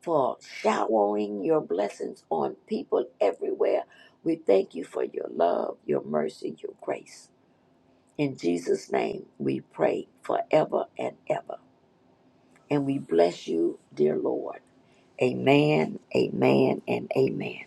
I: for showering your blessings on people everywhere. We thank you for your love, your mercy, your grace. In Jesus' name, we pray forever and ever. And we bless you, dear Lord. Amen, amen, and amen.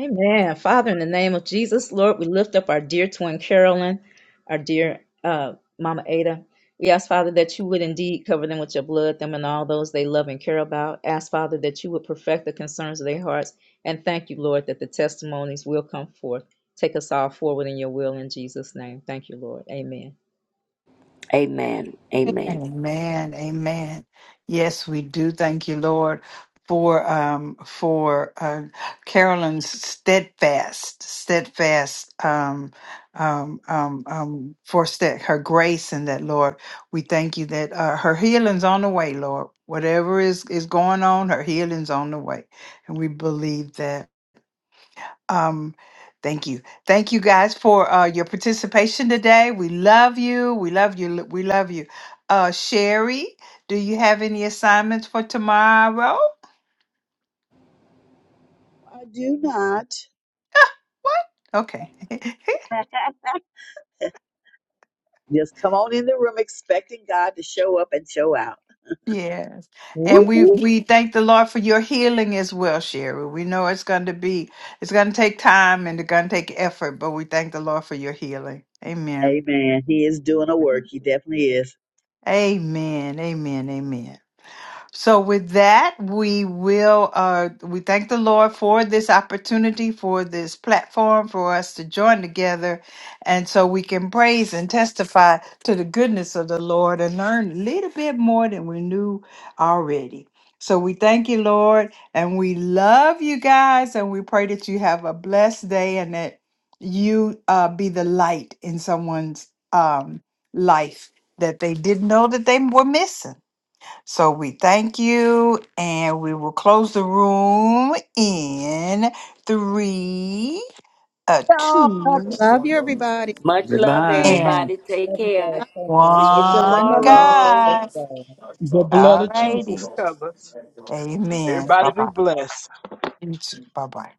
L: Amen. Father, in the name of Jesus, Lord, we lift up our dear twin Carolyn, our dear uh, Mama Ada. We ask, Father, that you would indeed cover them with your blood, them and all those they love and care about. Ask, Father, that you would perfect the concerns of their hearts. And thank you, Lord, that the testimonies will come forth. Take us all forward in your will in Jesus' name. Thank you, Lord. Amen.
I: Amen, amen.
A: Amen. Amen. Yes, we do. Thank you, Lord, for um for uh Carolyn's steadfast, steadfast um um um um for ste- her grace and that Lord. We thank you that uh, her healing's on the way, Lord. Whatever is is going on, her healing's on the way. And we believe that. Um, thank you. Thank you guys for uh, your participation today. We love you. We love you. We love you. Uh, Sherry, do you have any assignments for tomorrow?
P: I do not.
A: What? Okay.
P: Just come on in the room expecting God to show up and show out.
A: yes. And we
L: Woo-hoo.
A: we thank the Lord for your healing as well, Sherry. We know it's going to be it's going to take time and it's going to take effort, but we thank the Lord for your healing. Amen.
P: Amen. He is doing a work. He definitely is.
A: Amen. Amen. Amen. So with that, we will uh we thank the Lord for this opportunity, for this platform for us to join together and so we can praise and testify to the goodness of the Lord and learn a little bit more than we knew already. So we thank you, Lord, and we love you guys and we pray that you have a blessed day and that you uh be the light in someone's um life that they didn't know that they were missing. So we thank you and we will close the room in three, uh,
E: all up
A: two,
B: Love you, everybody.
I: Much
B: Take
I: love,
B: care.
N: Goodbye.
A: and
I: everybody. Take
L: Love you
I: care.
L: guys so much.
I: See you
L: Everybody
A: one.
L: have
K: Love
L: a wonderful
I: tomorrow.
L: blessed
A: God.
L: day.
J: The blood
A: All
J: of Jesus
A: righty.
J: covers.
A: Amen.
J: Everybody
A: Bye
J: be
A: bye.
J: blessed.
A: You too. Bye bye.